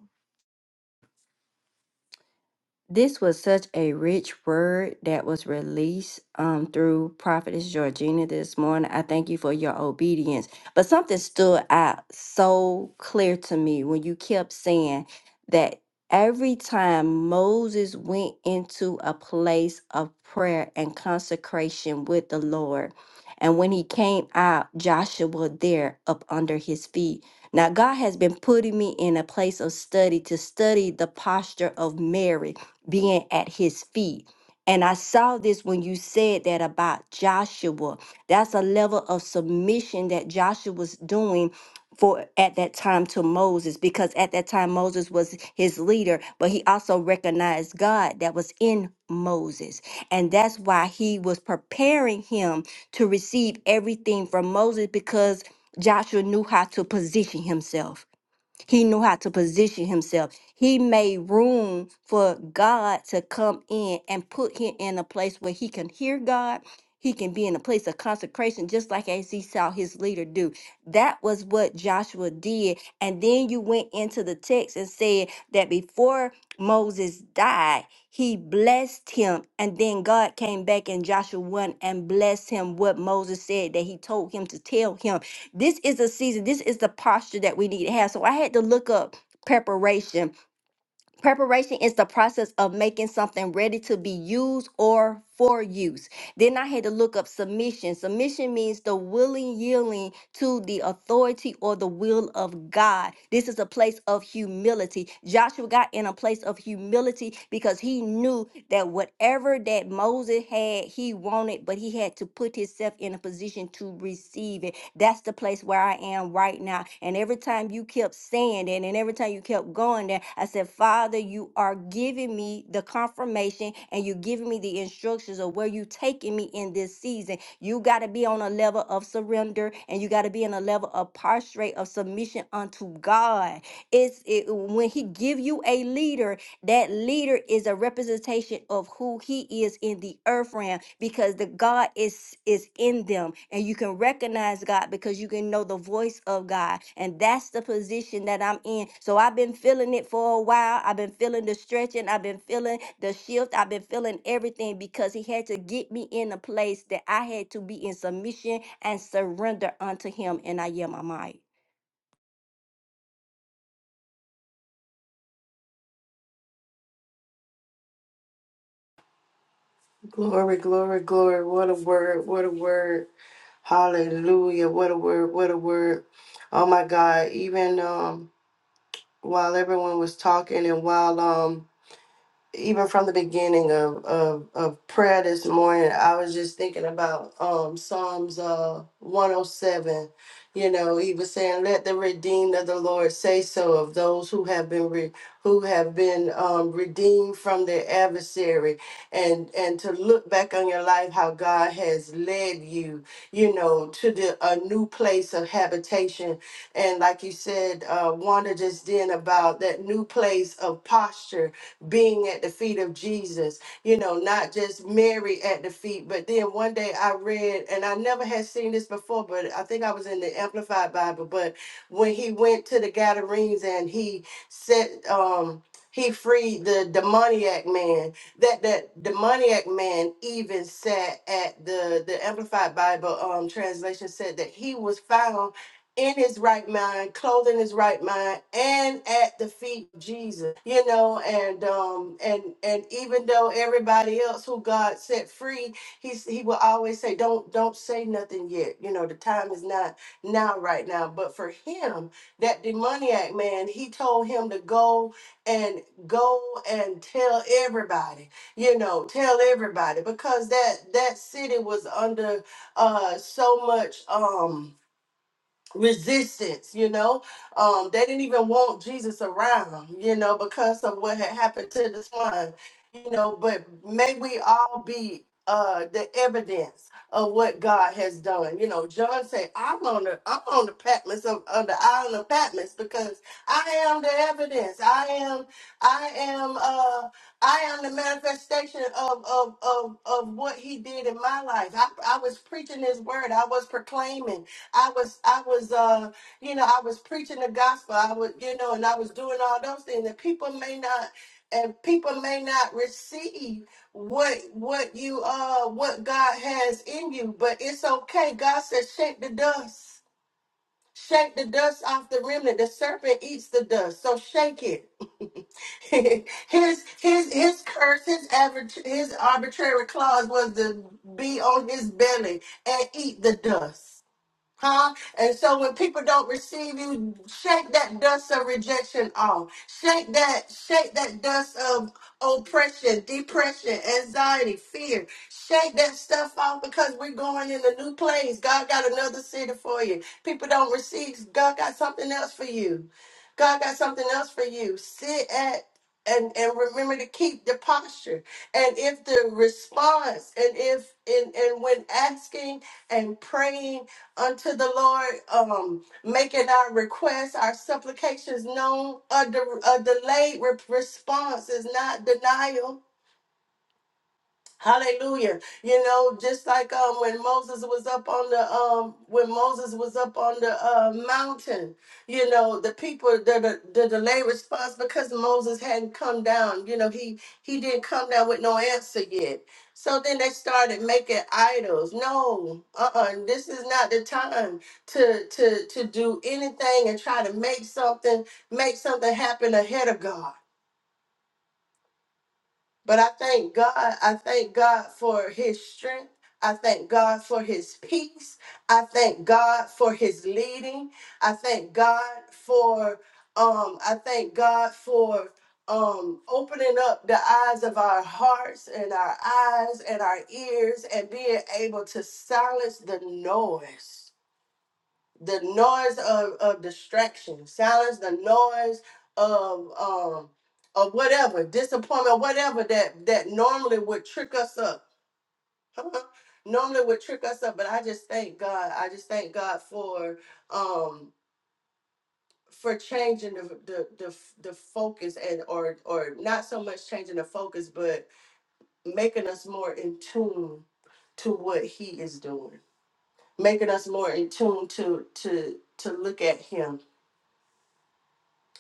B: This was such a rich word that was released um, through Prophetess Georgina this morning. I thank you for your obedience. But something stood out so clear to me when you kept saying that every time Moses went into a place of prayer and consecration with the Lord, and when he came out, Joshua was there up under his feet. Now, God has been putting me in a place of study to study the posture of Mary being at his feet. And I saw this when you said that about Joshua. That's a level of submission that Joshua was doing for at that time to Moses because at that time Moses was his leader, but he also recognized God that was in Moses. And that's why he was preparing him to receive everything from Moses because Joshua knew how to position himself. He knew how to position himself. He made room for God to come in and put him in a place where he can hear God. He can be in a place of consecration, just like as he saw his leader do. That was what Joshua did. And then you went into the text and said that before Moses died, he blessed him. And then God came back in Joshua 1 and blessed him what Moses said that he told him to tell him. This is a season, this is the posture that we need to have. So I had to look up preparation. Preparation is the process of making something ready to be used or for use. Then I had to look up submission. Submission means the willing yielding to the authority or the will of God. This is a place of humility. Joshua got in a place of humility because he knew that whatever that Moses had, he wanted, but he had to put himself in a position to receive it. That's the place where I am right now. And every time you kept saying it, and every time you kept going there, I said, Father, you are giving me the confirmation and you're giving me the instructions of where you're taking me in this season. You got to be on a level of surrender and you got to be in a level of prostrate of submission unto God. It's it, when He give you a leader, that leader is a representation of who he is in the earth realm because the God is is in them and you can recognize God because you can know the voice of God. And that's the position that I'm in. So I've been feeling it for a while. I've been feeling the stretching, I've been feeling the shift, I've been feeling everything because he had to get me in a place that I had to be in submission and surrender unto him and I am my might.
E: Glory, glory, glory. What a word. What a word. Hallelujah. What a word. What a word. Oh my God. Even um while everyone was talking and while um even from the beginning of, of, of prayer this morning, I was just thinking about um, Psalms uh, 107. You know, he was saying, "Let the redeemed of the Lord say so of those who have been re- who have been um, redeemed from their adversary, and and to look back on your life, how God has led you, you know, to the a new place of habitation, and like you said, uh, Wanda just then about that new place of posture being at the feet of Jesus, you know, not just Mary at the feet. But then one day I read, and I never had seen this before, but I think I was in the Amplified Bible. But when he went to the Gadarenes and he set, um, he freed the demoniac man. That that demoniac man even sat at the the Amplified Bible um translation said that he was found in his right mind, clothing his right mind, and at the feet of Jesus. You know, and um and and even though everybody else who God set free, he's he will always say, Don't don't say nothing yet. You know, the time is not now right now. But for him, that demoniac man, he told him to go and go and tell everybody, you know, tell everybody because that that city was under uh so much um resistance you know um they didn't even want jesus around you know because of what had happened to the one you know but may we all be uh the evidence of what god has done you know john said i'm on the i'm on the patmos of on the island of patmos because i am the evidence i am i am uh i am the manifestation of of of, of what he did in my life I, I was preaching his word i was proclaiming I was I was uh you know I was preaching the gospel I was you know and I was doing all those things and people may not and people may not receive what what you uh what God has in you but it's okay God says shake the dust shake the dust off the remnant the serpent eats the dust so shake it his his his curse his average his arbitrary clause was to be on his belly and eat the dust Huh? And so when people don't receive you, shake that dust of rejection off. Shake that, shake that dust of oppression, depression, anxiety, fear. Shake that stuff off because we're going in a new place. God got another city for you. People don't receive, God got something else for you. God got something else for you. Sit at and, and remember to keep the posture. And if the response and if and, and when asking and praying unto the Lord, um, making our requests, our supplications known. A, de- a delayed re- response is not denial Hallelujah. You know, just like um when Moses was up on the um when Moses was up on the uh mountain, you know, the people the the, the delay response because Moses hadn't come down, you know, he he didn't come down with no answer yet. So then they started making idols. No, uh-uh, this is not the time to to to do anything and try to make something make something happen ahead of God. But I thank God. I thank God for his strength. I thank God for his peace. I thank God for his leading. I thank God for um I thank God for um opening up the eyes of our hearts and our eyes and our ears and being able to silence the noise the noise of, of distraction, silence the noise of um of whatever, disappointment, whatever that that normally would trick us up. normally would trick us up, but I just thank God. I just thank God for um for changing the the the, f- the focus and or or not so much changing the focus, but making us more in tune to what he is doing. Making us more in tune to to to look at him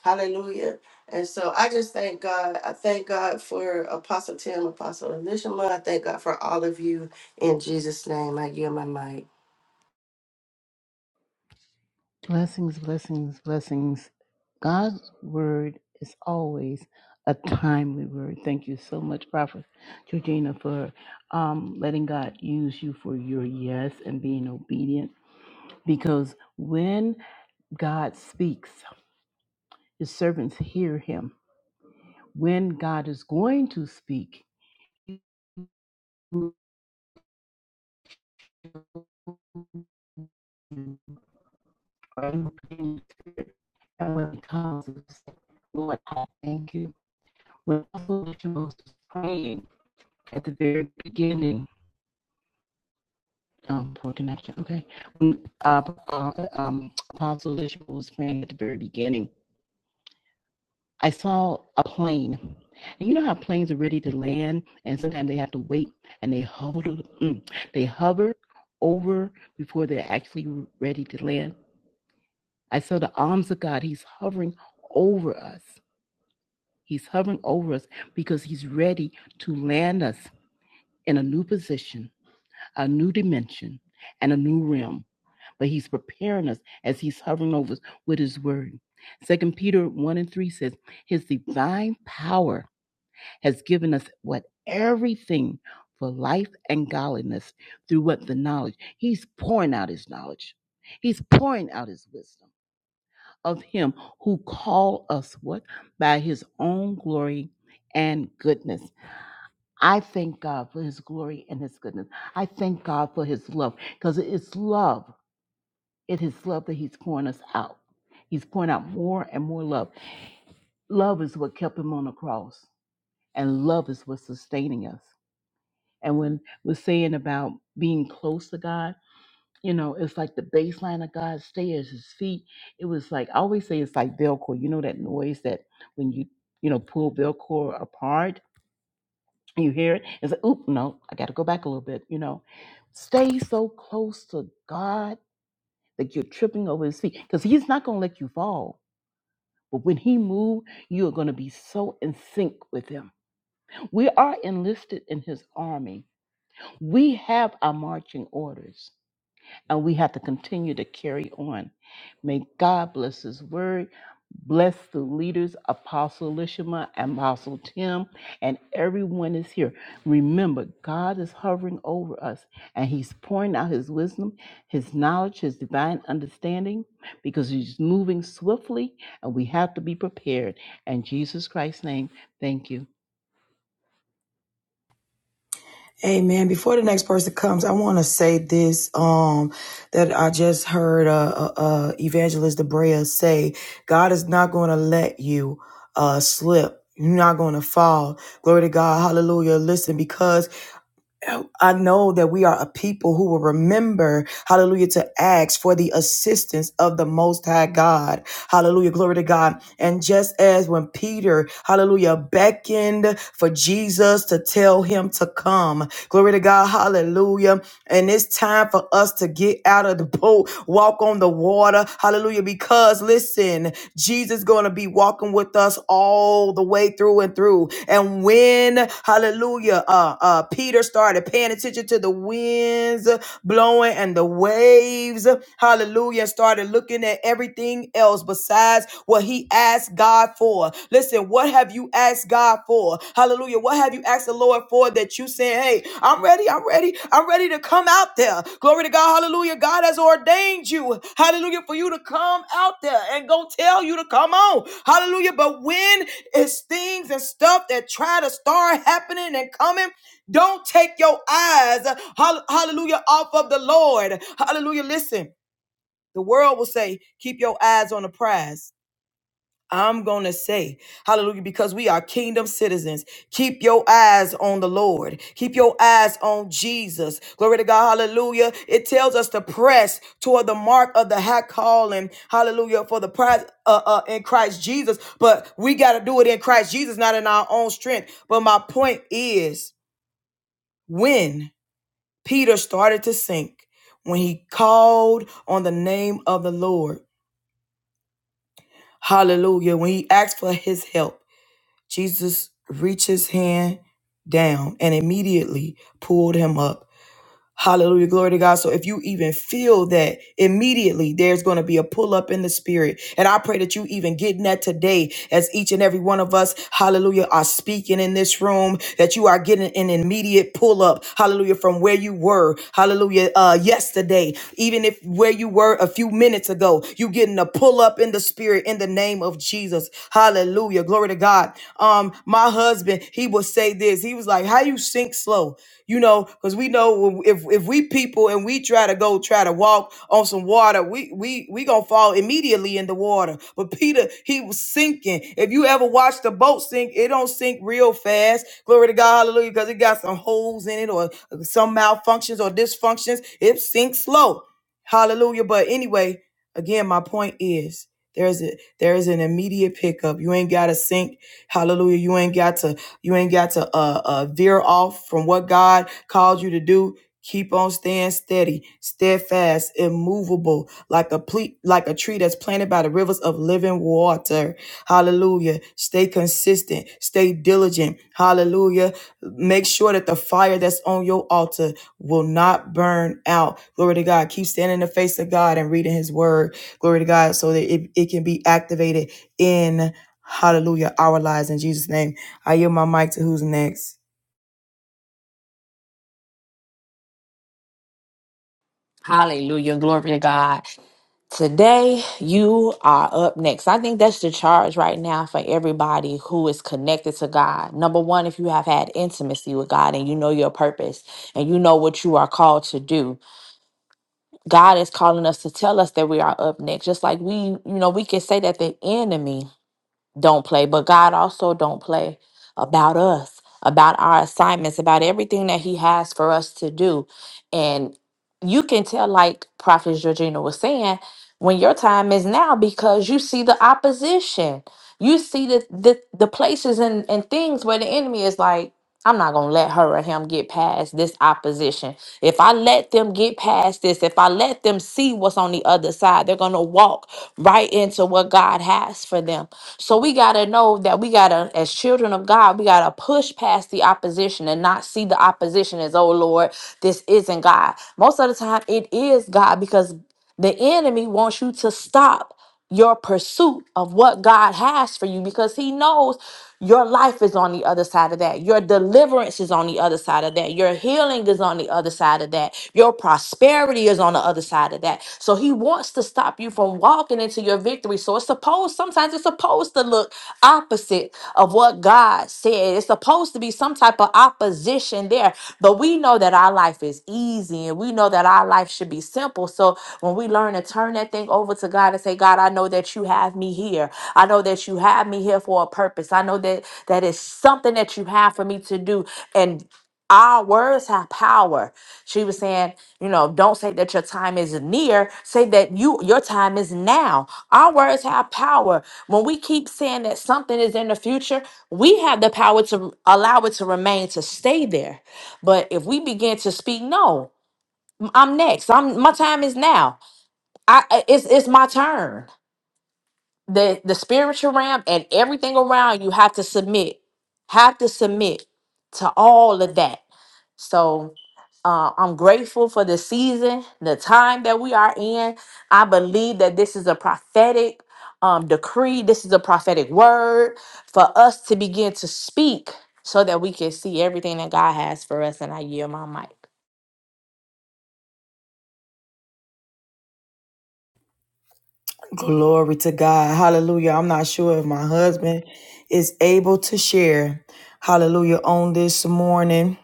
E: Hallelujah. And so I just thank God. I thank God for Apostle Tim, Apostle Elishama. I thank God for all of you. In Jesus' name, I yield my mic.
F: Blessings, blessings, blessings. God's word is always a timely word. Thank you so much, Prophet Georgina, for um, letting God use you for your yes and being obedient. Because when God speaks, his servants hear him. When God is going to speak, you are in the spirit. And when it comes, like, Lord, I thank you When also what praying at the very beginning, um, poor connection. Okay, when uh, uh, um, Apostle was praying at the very beginning, I saw a plane. And you know how planes are ready to land, and sometimes they have to wait, and they hover, mm, they hover over before they're actually ready to land. I saw the arms of God. He's hovering over us. He's hovering over us because He's ready to land us in a new position a new dimension and a new realm. But he's preparing us as he's hovering over us with his word. Second Peter 1 and 3 says, His divine power has given us what everything for life and godliness through what the knowledge. He's pouring out his knowledge. He's pouring out his wisdom of him who called us what? By his own glory and goodness. I thank God for his glory and his goodness. I thank God for his love because it's love. It is love that he's pouring us out. He's pouring out more and more love. Love is what kept him on the cross, and love is what's sustaining us. And when we're saying about being close to God, you know, it's like the baseline of God stairs, his feet. It was like, I always say it's like Velcro. You know that noise that when you, you know, pull Velcro apart? You hear it? It's like, oop, no, I got to go back a little bit, you know. Stay so close to God that you're tripping over his feet because he's not going to let you fall. But when he moves, you are going to be so in sync with him. We are enlisted in his army, we have our marching orders and we have to continue to carry on. May God bless His word. Bless the leaders, Apostle Lishima and Apostle Tim, and everyone is here. Remember, God is hovering over us, and He's pouring out His wisdom, His knowledge, His divine understanding, because He's moving swiftly, and we have to be prepared. In Jesus Christ's name, thank you.
A: Amen. Before the next person comes, I want to say this um, that I just heard uh, uh, uh, Evangelist Debrea say God is not going to let you uh, slip. You're not going to fall. Glory to God. Hallelujah. Listen, because I know that we are a people who will remember, hallelujah, to ask for the assistance of the Most High God. Hallelujah, glory to God. And just as when Peter, hallelujah, beckoned for Jesus to tell him to come, glory to God, hallelujah. And it's time for us to get out of the boat, walk on the water, hallelujah, because because listen, Jesus is going to be walking with us all the way through and through. And when hallelujah, uh, uh, Peter started paying attention to the winds blowing and the waves, hallelujah, started looking at everything else besides what he asked God for. Listen, what have you asked God for? Hallelujah. What have you ask the Lord for that you saying, Hey, I'm ready, I'm ready, I'm ready to come out there. Glory to God, hallelujah. God has ordained you, hallelujah, for you to come out there and go tell you to come on, hallelujah. But when it's things and stuff that try to start happening and coming, don't take your eyes, hall- hallelujah, off of the Lord, hallelujah. Listen, the world will say, Keep your eyes on the prize. I'm going to say, hallelujah, because we are kingdom citizens. Keep your eyes on the Lord. Keep your eyes on Jesus. Glory to God. Hallelujah. It tells us to press toward the mark of the high calling. Hallelujah. For the prize uh, uh, in Christ Jesus. But we got to do it in Christ Jesus, not in our own strength. But my point is when Peter started to sink, when he called on the name of the Lord, hallelujah, when he asked for his help, Jesus reached his hand down and immediately pulled him up. Hallelujah. Glory to God. So if you even feel that immediately there's going to be a pull up in the spirit. And I pray that you even getting that today as each and every one of us, hallelujah, are speaking in this room, that you are getting an immediate pull up. Hallelujah. From where you were. Hallelujah. Uh, yesterday, even if where you were a few minutes ago, you getting a pull up in the spirit in the name of Jesus. Hallelujah. Glory Glory to God. Um, my husband, he would say this. He was like, "How you sink slow?" You know, because we know if if we people and we try to go try to walk on some water, we we we gonna fall immediately in the water. But Peter, he was sinking. If you ever watch the boat sink, it don't sink real fast. Glory to God, Hallelujah, because it got some holes in it or uh, some malfunctions or dysfunctions. It sinks slow. Hallelujah. But anyway, again, my point is there's a, there is an immediate pickup. You ain't got to sink. Hallelujah. You ain't got to you ain't got to uh, uh veer off from what God called you to do. Keep on staying steady, steadfast, immovable, like a ple- like a tree that's planted by the rivers of living water. Hallelujah. Stay consistent, stay diligent. Hallelujah. Make sure that the fire that's on your altar will not burn out. Glory to God. Keep standing in the face of God and reading his word Glory to God. So that it, it can be activated in hallelujah, our lives in Jesus' name. I yield my mic to who's next.
G: Hallelujah. Glory to God. Today, you are up next. I think that's the charge right now for everybody who is connected to God. Number one, if you have had intimacy with God and you know your purpose and you know what you are called to do, God is calling us to tell us that we are up next. Just like we, you know, we can say that the enemy don't play, but God also don't play about us, about our assignments, about everything that He has for us to do. And you can tell, like Prophet Georgina was saying, when your time is now because you see the opposition. You see the the, the places and, and things where the enemy is like, I'm not gonna let her or him get past this opposition. If I let them get past this, if I let them see what's on the other side, they're gonna walk right into what God has for them. So we gotta know that we gotta, as children of God, we gotta push past the opposition and not see the opposition as, oh Lord, this isn't God. Most of the time it is God because the enemy wants you to stop your pursuit of what God has for you because he knows your life is on the other side of that. Your deliverance is on the other side of that. Your healing is on the other side of that. Your prosperity is on the other side of that. So he wants to stop you from walking into your victory. So it's supposed, sometimes it's supposed to look look opposite of what God said. It's supposed to be some type of opposition there, but we know that our life is easy and we know that our life should be simple. So when we learn to turn that thing over to God and say, God, I know that you have me here. I know that you have me here for a purpose. I know that that is something that you have for me to do. And our words have power. She was saying, you know, don't say that your time is near. Say that you your time is now. Our words have power. When we keep saying that something is in the future, we have the power to allow it to remain to stay there. But if we begin to speak, no, I'm next. I'm my time is now. I I- it's it's my turn the the spiritual realm and everything around you have to submit have to submit to all of that so uh, i'm grateful for the season the time that we are in i believe that this is a prophetic um, decree this is a prophetic word for us to begin to speak so that we can see everything that god has for us and i yield my mic
A: Glory to God. Hallelujah. I'm not sure if my husband is able to share. Hallelujah on this morning.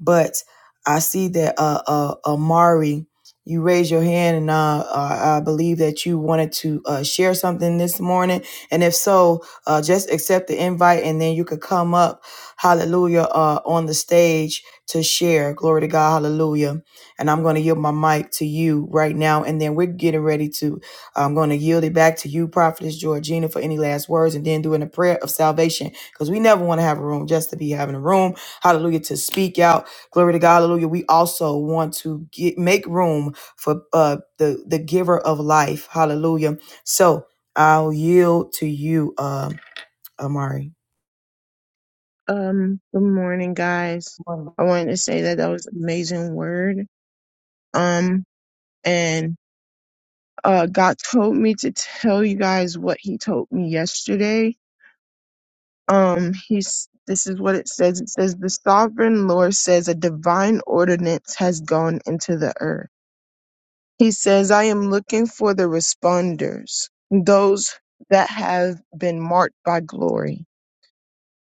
A: But I see that uh, uh, Amari, you raised your hand, and uh, uh, I believe that you wanted to uh, share something this morning. And if so, uh, just accept the invite, and then you could come up, Hallelujah, uh, on the stage to share. Glory to God, Hallelujah. And I'm going to yield my mic to you right now, and then we're getting ready to. I'm going to yield it back to you, Prophetess Georgina, for any last words, and then doing a prayer of salvation because we never want to have a room just to be having a room. Hallelujah, to speak out. Glory to God, hallelujah. We also want to get, make room for uh, the the giver of life, hallelujah. So I'll yield to you, uh, Amari.
H: Um, good morning, guys. I wanted to say that that was an amazing word. Um, and uh, God told me to tell you guys what He told me yesterday. Um, He's this is what it says. It says the sovereign Lord says a divine ordinance has gone into the earth. He says, I am looking for the responders, those that have been marked by glory.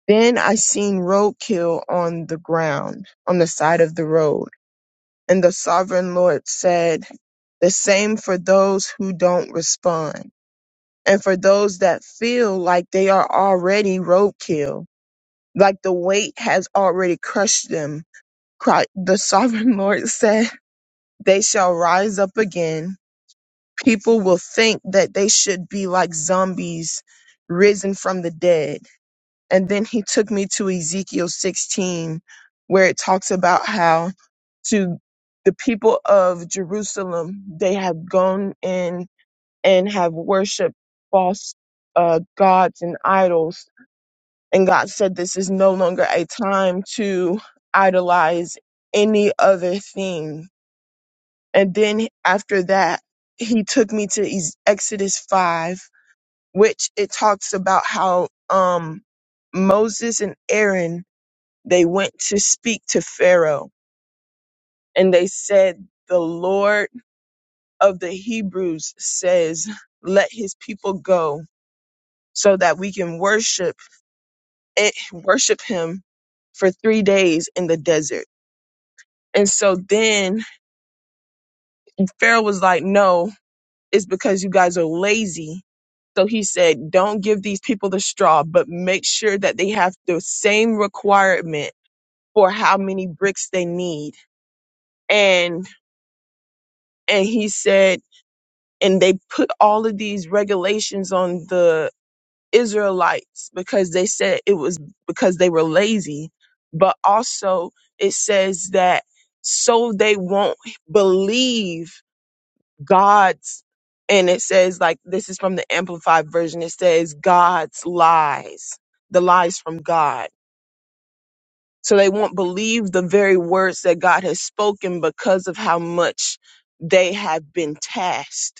H: Then I seen roadkill on the ground, on the side of the road And the sovereign Lord said, The same for those who don't respond, and for those that feel like they are already roadkill, like the weight has already crushed them. Cri- The sovereign Lord said, They shall rise up again. People will think that they should be like zombies risen from the dead and then he took me to Ezekiel 16, where it talks about how to the people of Jerusalem, they have gone in and have worshiped false uh, gods and idols. And God said, This is no longer a time to idolize any other thing. And then after that, he took me to Ez- Exodus 5, which it talks about how um, Moses and Aaron they went to speak to Pharaoh and they said, The Lord of the Hebrews says, Let his people go so that we can worship it, worship him for three days in the desert. And so then Pharaoh was like, No, it's because you guys are lazy. So he said, Don't give these people the straw, but make sure that they have the same requirement for how many bricks they need. And and he said and they put all of these regulations on the Israelites because they said it was because they were lazy, but also it says that so they won't believe God's and it says like this is from the amplified version it says God's lies, the lies from God. So they won't believe the very words that God has spoken because of how much they have been tasked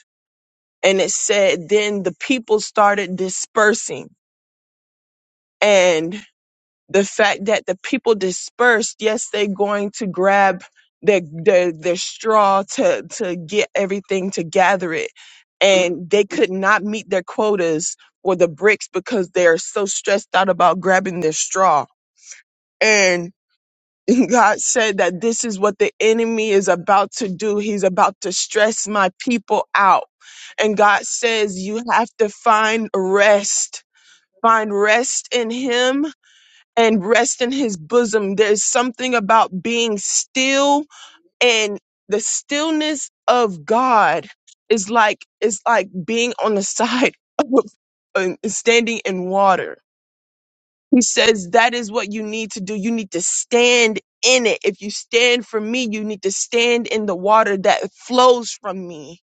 H: and it said then the people started dispersing and the fact that the people dispersed yes they're going to grab their their, their straw to to get everything to gather it and they could not meet their quotas for the bricks because they're so stressed out about grabbing their straw and. And God said that this is what the enemy is about to do. He's about to stress my people out. And God says, you have to find rest, find rest in Him and rest in His bosom. There's something about being still and the stillness of God is like, it's like being on the side of uh, standing in water he says that is what you need to do. You need to stand in it. If you stand for me, you need to stand in the water that flows from me.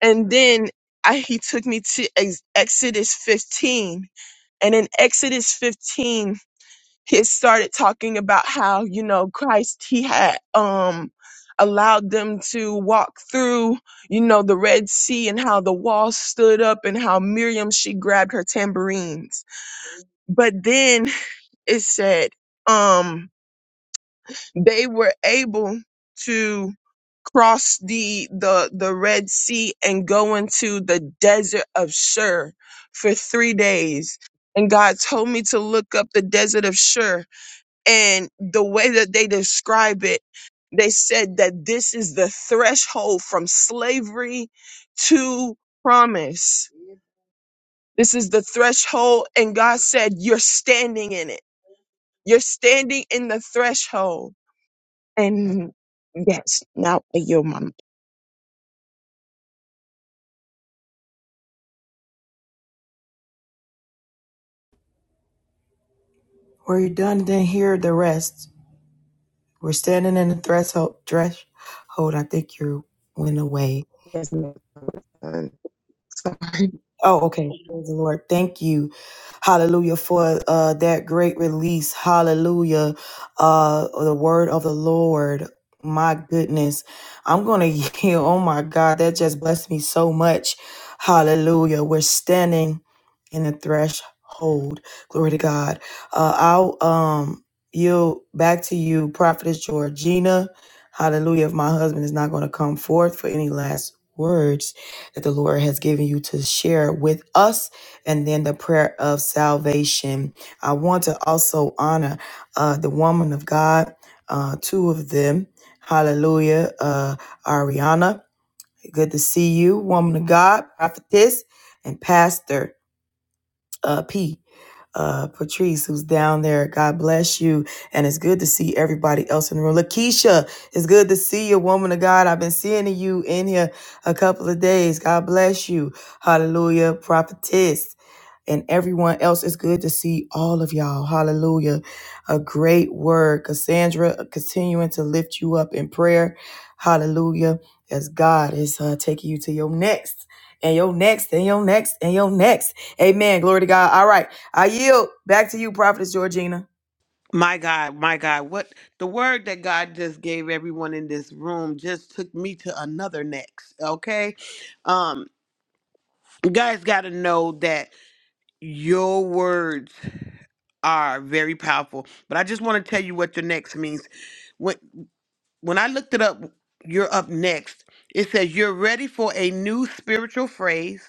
H: And then I, he took me to ex- Exodus 15. And in Exodus 15, he started talking about how, you know, Christ, he had, um, allowed them to walk through, you know, the Red Sea and how the wall stood up and how Miriam, she grabbed her tambourines. But then it said um they were able to cross the the the red sea and go into the desert of shur for 3 days and god told me to look up the desert of shur and the way that they describe it they said that this is the threshold from slavery to promise this is the threshold and god said you're standing in it you're standing in the threshold And yes, now I yield my mic.
A: We're done. Then hear the rest. We're standing in the threshold. Threshold. I think you went away.
H: Yes, ma'am. Um, Sorry.
A: Oh, okay. Praise the Lord. Thank you. Hallelujah for uh, that great release. Hallelujah. Uh, the word of the Lord. My goodness. I'm going to yield. Oh, my God. That just blessed me so much. Hallelujah. We're standing in the threshold. Glory to God. Uh, I'll um, yield back to you, Prophetess Georgina. Hallelujah. If my husband is not going to come forth for any last words that the Lord has given you to share with us, and then the prayer of salvation. I want to also honor uh, the woman of God, uh, two of them. Hallelujah. Uh, Ariana, good to see you, woman of God, prophetess, and pastor uh, P. Uh, Patrice, who's down there. God bless you. And it's good to see everybody else in the room. Lakeisha, it's good to see you, woman of God. I've been seeing you in here a couple of days. God bless you. Hallelujah. Prophetess and everyone else. It's good to see all of y'all. Hallelujah. A great word. Cassandra, continuing to lift you up in prayer. Hallelujah. As God is uh, taking you to your next and your next and your next and your next. Amen. Glory to God. All right. I yield back to you, Prophetess Georgina.
C: My God, my God, what the word that God just gave everyone in this room just took me to another next, okay? Um, you guys got to know that your words are very powerful, but I just want to tell you what your next means. When when I looked it up, you're up next. It says you're ready for a new spiritual phrase,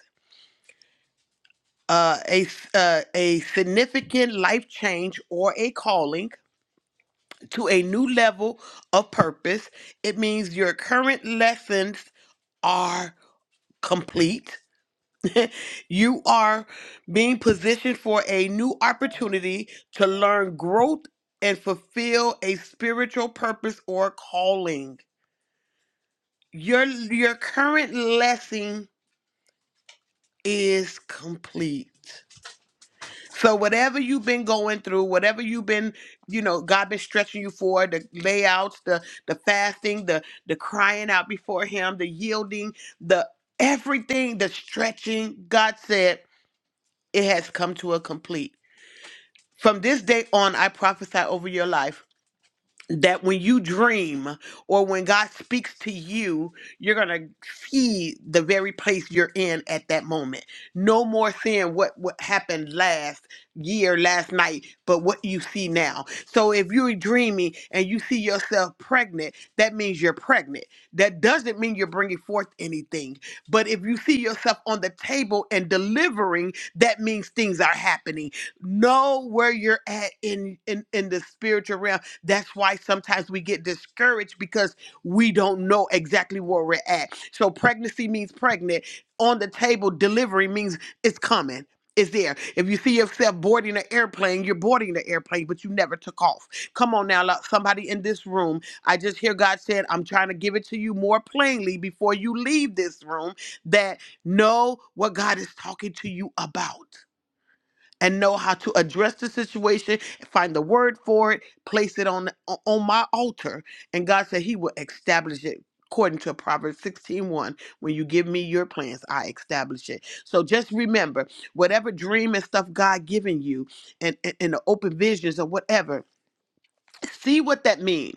C: uh, a s- uh, a significant life change or a calling to a new level of purpose. It means your current lessons are complete. you are being positioned for a new opportunity to learn growth and fulfill a spiritual purpose or calling. Your your current lesson is complete. So whatever you've been going through, whatever you've been, you know, God been stretching you for, the layouts, the the fasting, the the crying out before him, the yielding, the everything, the stretching, God said, it has come to a complete. From this day on, I prophesy over your life that when you dream or when God speaks to you, you're going to see the very place you're in at that moment. No more seeing what, what happened last year, last night, but what you see now. So if you're dreaming and you see yourself pregnant, that means you're pregnant. That doesn't mean you're bringing forth anything. But if you see yourself on the table and delivering, that means things are happening Know where you're at in, in, in the spiritual realm. That's why sometimes we get discouraged because we don't know exactly where we're at. So pregnancy means pregnant. On the table, delivery means it's coming. It's there. If you see yourself boarding an airplane, you're boarding the airplane, but you never took off. Come on now, lo- somebody in this room. I just hear God said, I'm trying to give it to you more plainly before you leave this room that know what God is talking to you about and know how to address the situation, find the word for it, place it on on my altar. And God said he will establish it according to Proverbs sixteen one. When you give me your plans, I establish it. So just remember, whatever dream and stuff God given you and, and, and the open visions or whatever, see what that means.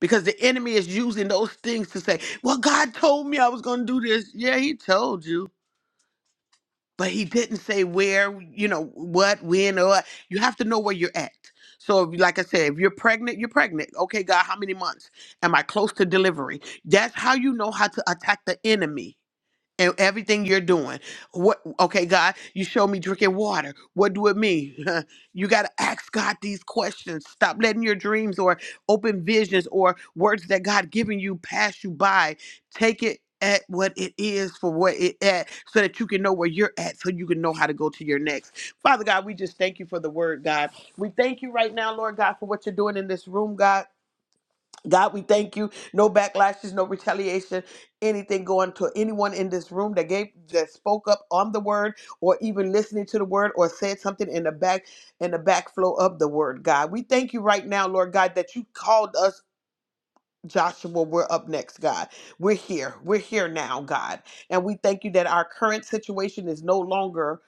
C: Because the enemy is using those things to say, Well, God told me I was gonna do this. Yeah, he told you but he didn't say where, you know, what, when, or you have to know where you're at. So, if- like I said, if you're pregnant, you're pregnant. Okay, God, how many months? Am I close to delivery? That's how you know how to attack the enemy and everything you're doing. What okay, God, you show me drinking water. What do it mean? you gotta ask God these questions. Stop letting your dreams or open visions or words that God given you pass you by. Take it at what it is for what it at so that you can know where you're at so you can know how to go to your next father god we just thank you for the word god we thank you right now lord god for what you're doing in this room god God, we thank you. No backlashes, no retaliation, anything going to anyone in this room that gave that spoke up on the word or even listening to the word or said something in the back in the backflow of the word, God. We thank you right now, Lord God, that you called us Joshua, we're up next, God. We're here. We're here now, God. And we thank you that our current situation is no longer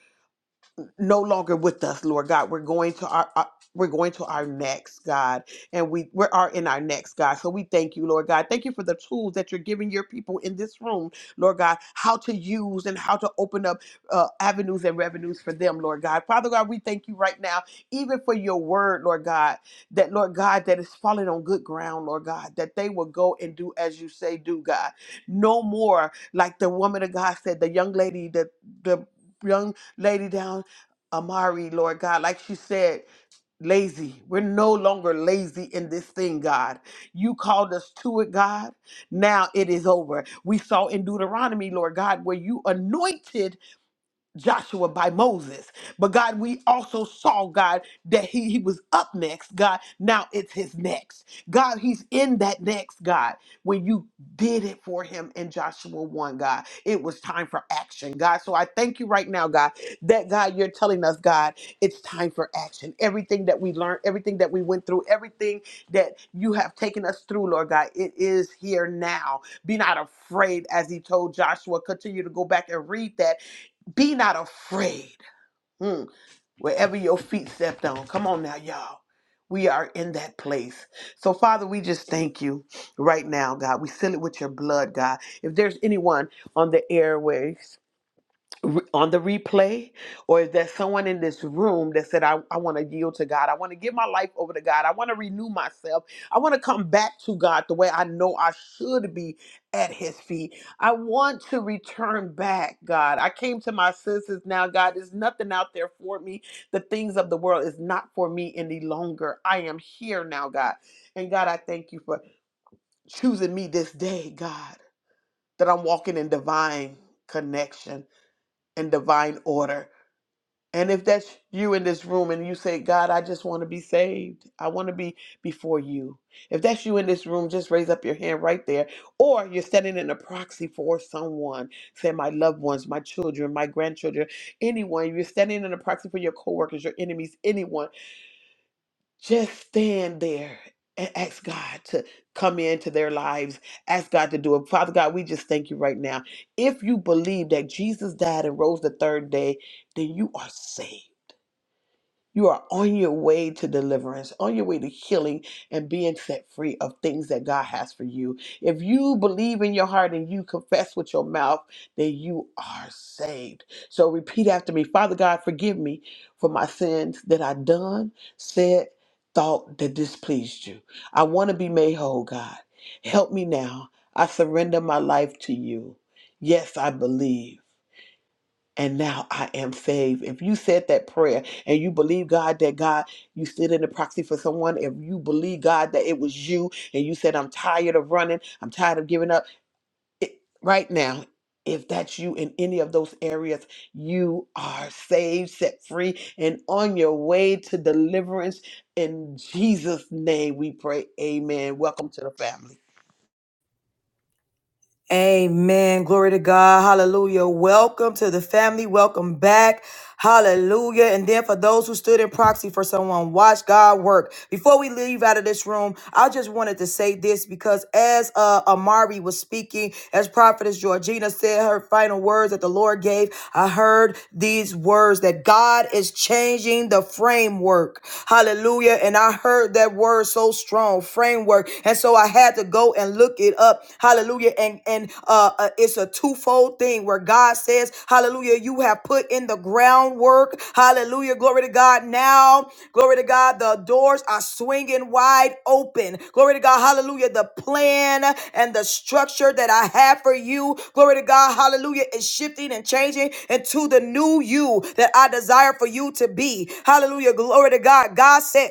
C: no longer with us, Lord God. We're going to our, our- we're going to our next, God, and we we are in our next, God. So we thank you, Lord God. Thank you for the tools that you're giving your people in this room, Lord God, how to use and how to open up uh, avenues and revenues for them, Lord God. Father God, we thank you right now, even for your word, Lord God, that Lord God, that is falling on good ground, Lord God, that they will go and do as you say, do God. No more like the woman of God said, the young lady, the the young lady down. Amari, Lord God, like she said, lazy. We're no longer lazy in this thing, God. You called us to it, God. Now it is over. We saw in Deuteronomy, Lord God, where you anointed Joshua by Moses. But God, we also saw, God, that he, he was up next, God. Now it's his next. God, he's in that next, God. When you did it for him in Joshua 1, God, it was time for action, God. So I thank you right now, God, that God, you're telling us, God, it's time for action. Everything that we learned, everything that we went through, everything that you have taken us through, Lord God, it is here now. Be not afraid, as he told Joshua. Continue to go back and read that be not afraid. Mm, Wherever your feet stepped on. Come on now, y'all. We are in that place. So, Father, we just thank you right now, God. We seal it with your blood, God. If there's anyone on the airways re- on the replay or if there's someone in this room that said i, I want to yield to god i want to give my life over to god i want to renew myself i want to come back to god the way i know i should be at his feet i want to return back god i came to my senses now god there's nothing out there for me the things of the world is not for me any longer i am here now god and god i thank you for choosing me this day god that i'm walking in divine connection and divine order and if that's you in this room and you say, God, I just want to be saved, I want to be before you. If that's you in this room, just raise up your hand right there. Or you're standing in a proxy for someone, say my loved ones, my children, my grandchildren, anyone. You're standing in a proxy for your coworkers, your enemies, anyone. Just stand there and ask God to come into their lives. Ask God to do it. Father God, we just thank you right now. If you believe that Jesus died and rose the third day, then you are saved. You are on your way to deliverance, on your way to healing and being set free of things that God has for you. If you believe in your heart and you confess with your mouth, then you are saved. So repeat after me Father God, forgive me for my sins that I done, said, thought that displeased you. I want to be made whole, God. Help me now. I surrender my life to you. Yes, I believe and now I am saved. If you said that prayer and you believe God that God, you stood in the proxy for someone, if you believe God that it was you and you said, I'm tired of running, I'm tired of giving up, it, right now, if that's you in any of those areas, you are saved, set free, and on your way to deliverance. In Jesus' name we pray. Amen. Welcome to the family.
A: Amen. Glory to God. Hallelujah. Welcome to the family. Welcome back. Hallelujah. And then for those who stood in proxy for someone, watch God work. Before we leave out of this room, I just wanted to say this because as uh, Amari was speaking, as Prophetess Georgina said her final words that the Lord gave, I heard these words that God is changing the framework. Hallelujah. And I heard that word so strong, framework. And so I had to go and look it up. Hallelujah hallelujah and and uh, uh it's a twofold thing where god says hallelujah you have put in the groundwork hallelujah glory to god now glory to god the doors are swinging wide open glory to god hallelujah the plan and the structure that i have for you glory to god hallelujah is shifting and changing into the new you that i desire for you to be hallelujah glory to god god said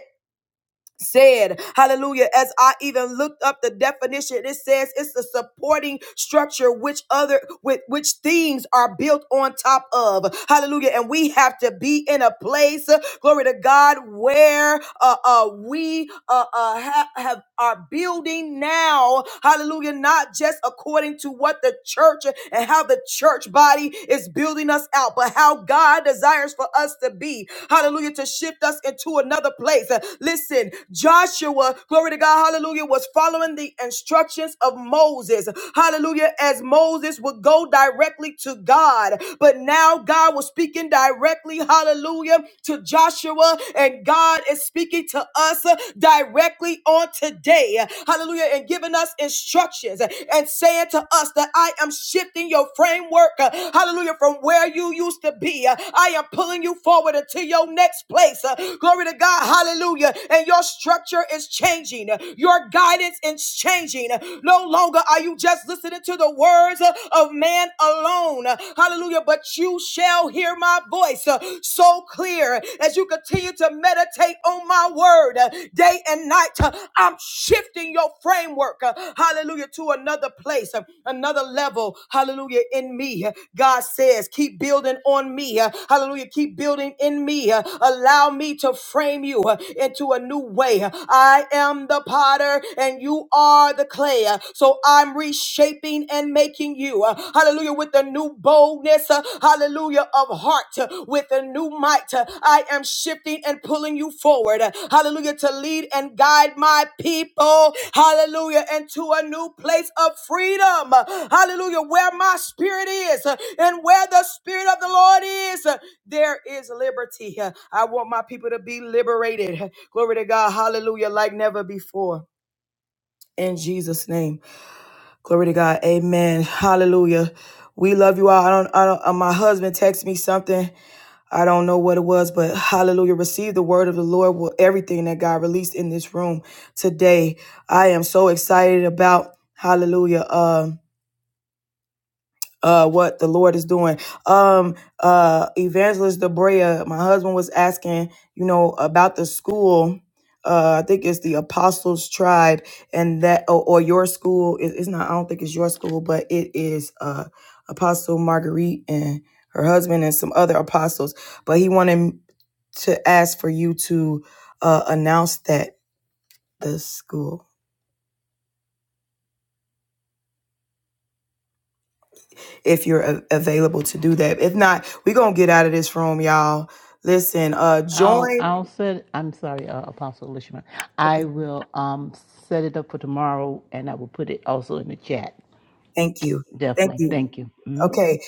A: said hallelujah as i even looked up the definition it says it's the supporting structure which other with which things are built on top of hallelujah and we have to be in a place uh, glory to god where uh, uh we uh, uh ha- have are building now hallelujah not just according to what the church and how the church body is building us out but but how God desires for us to be. Hallelujah, to shift us into another place. Uh, Listen, Joshua, glory to God, hallelujah, was following the instructions of Moses. Hallelujah, as Moses would go directly to God, but now God was speaking directly, hallelujah, to Joshua, and God is speaking to us uh, directly on today. Hallelujah, and giving us instructions instructions and saying to us that I am shifting your framework, uh, hallelujah, from where you used to be. Uh, I am pulling you forward into your next place. Uh, Glory to God, hallelujah. And your structure is changing, your guidance is changing. No longer are you just listening to the words uh, of man alone, Uh, hallelujah, but you shall hear my voice uh, so clear as you continue to to meditate on my word uh, day and night. Uh, I'm shifting your framework, uh, hallelujah, to another place, uh, another level, hallelujah, in me. Uh, God says, keep building on me, uh, hallelujah, keep building in me. Uh, Allow me to frame you uh, into a new way. uh, I am the potter and you are the clay, Uh, so I'm reshaping and making you, uh, hallelujah, with the a new boldness, uh, hallelujah, of heart uh, with a new might. Uh, I am shifting and pulling you forward, uh, hallelujah, to lead and guide my people, hallelujah, into a new place of freedom, uh, hallelujah, where my spirit is uh, and where the spirit of the Lord is, uh, there is liberty. Uh, I want my people to be liberated. Glory to God, hallelujah, like never before. In Jesus' name. Glory to God. Amen. Hallelujah. We love you all. I don't, I don't, uh, my husband texted me something. I don't know what it was, but hallelujah. Receive the word of the Lord with everything that God released in this room today. I am so excited about hallelujah. Um uh what the Lord is doing. Um uh Evangelist Debrea, my husband was asking, you know, about the school. Uh I think it's the Apostles Tribe and that or, or your school. It- it's not I don't think it's your school, but it is uh Apostle Marguerite and her husband and some other apostles. But he wanted to ask for you to uh announce that the school. if you're a- available to do that. If not, we're going to get out of this room, y'all. Listen, uh
F: I'll
A: join.
F: I'll set. I'm sorry, uh, Apostle Lishman. I will um set it up for tomorrow, and I will put it also in the chat.
A: Thank you. Thank
F: Definitely.
A: you.
F: Thank you. Mhm.
A: Okay.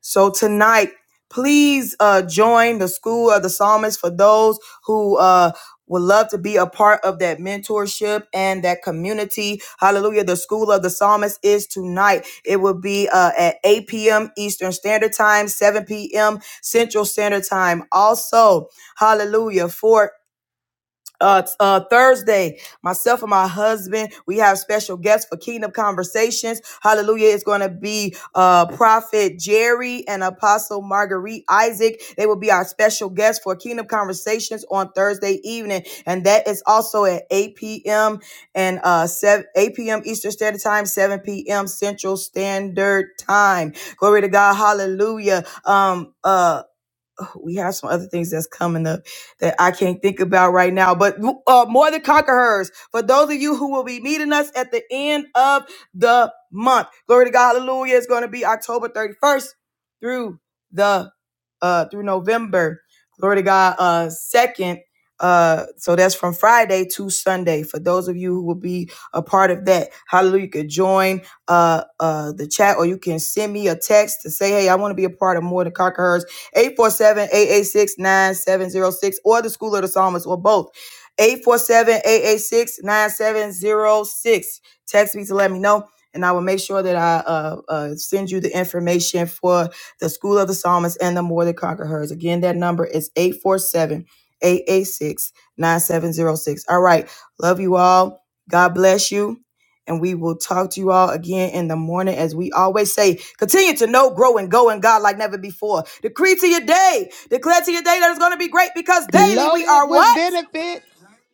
A: So tonight, please uh join the school of the psalmist for those who uh would love to be a part of that mentorship and that community. Hallelujah. The School of the Psalmist is tonight. It will be uh, at 8 p.m. Eastern Standard Time, 7 p.m. Central Standard Time. Also, hallelujah, for uh, uh, Thursday, myself and my husband, we have special guests for Kingdom Conversations. Hallelujah. It's going to be uh, Prophet Jerry and Apostle Marguerite Isaac. They will be our special guests for Kingdom Conversations on Thursday evening. And that is also at 8 p.m. and uh, 7, 8 p.m. Eastern Standard Time, 7 p.m. Central Standard Time. Glory to God. Hallelujah. Um, uh, we have some other things that's coming up that I can't think about right now. But uh, more than conquerors for those of you who will be meeting us at the end of the month. Glory to God, Hallelujah! It's going to be October thirty first through the uh through November. Glory to God. Uh, second. Uh, so that's from Friday to Sunday. For those of you who will be a part of that, hallelujah, you could join uh uh the chat or you can send me a text to say, hey, I want to be a part of More Than Conquerors Eight four seven eight eight six nine seven zero six, or the School of the Psalmist or both. Eight four seven eight eight six nine seven zero six. Text me to let me know. And I will make sure that I uh, uh, send you the information for the School of the Psalmist and the More Than Conquer Hers. Again, that number is eight four seven eight eight six nine seven zero six. All right. Love you all. God bless you. And we will talk to you all again in the morning. As we always say, continue to know, grow, and go in God like never before. Decree to your day, declare to your day that it's going to be great because daily we
C: Loaded
A: are
C: with
A: what?
C: benefits.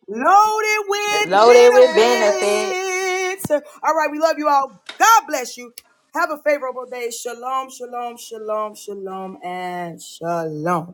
A: Loaded with
E: It
G: loaded with
E: benefits.
G: benefit
A: benefits. All right, we love you all. God bless you. Have a favorable day. Shalom, shalom, shalom, shalom, and shalom.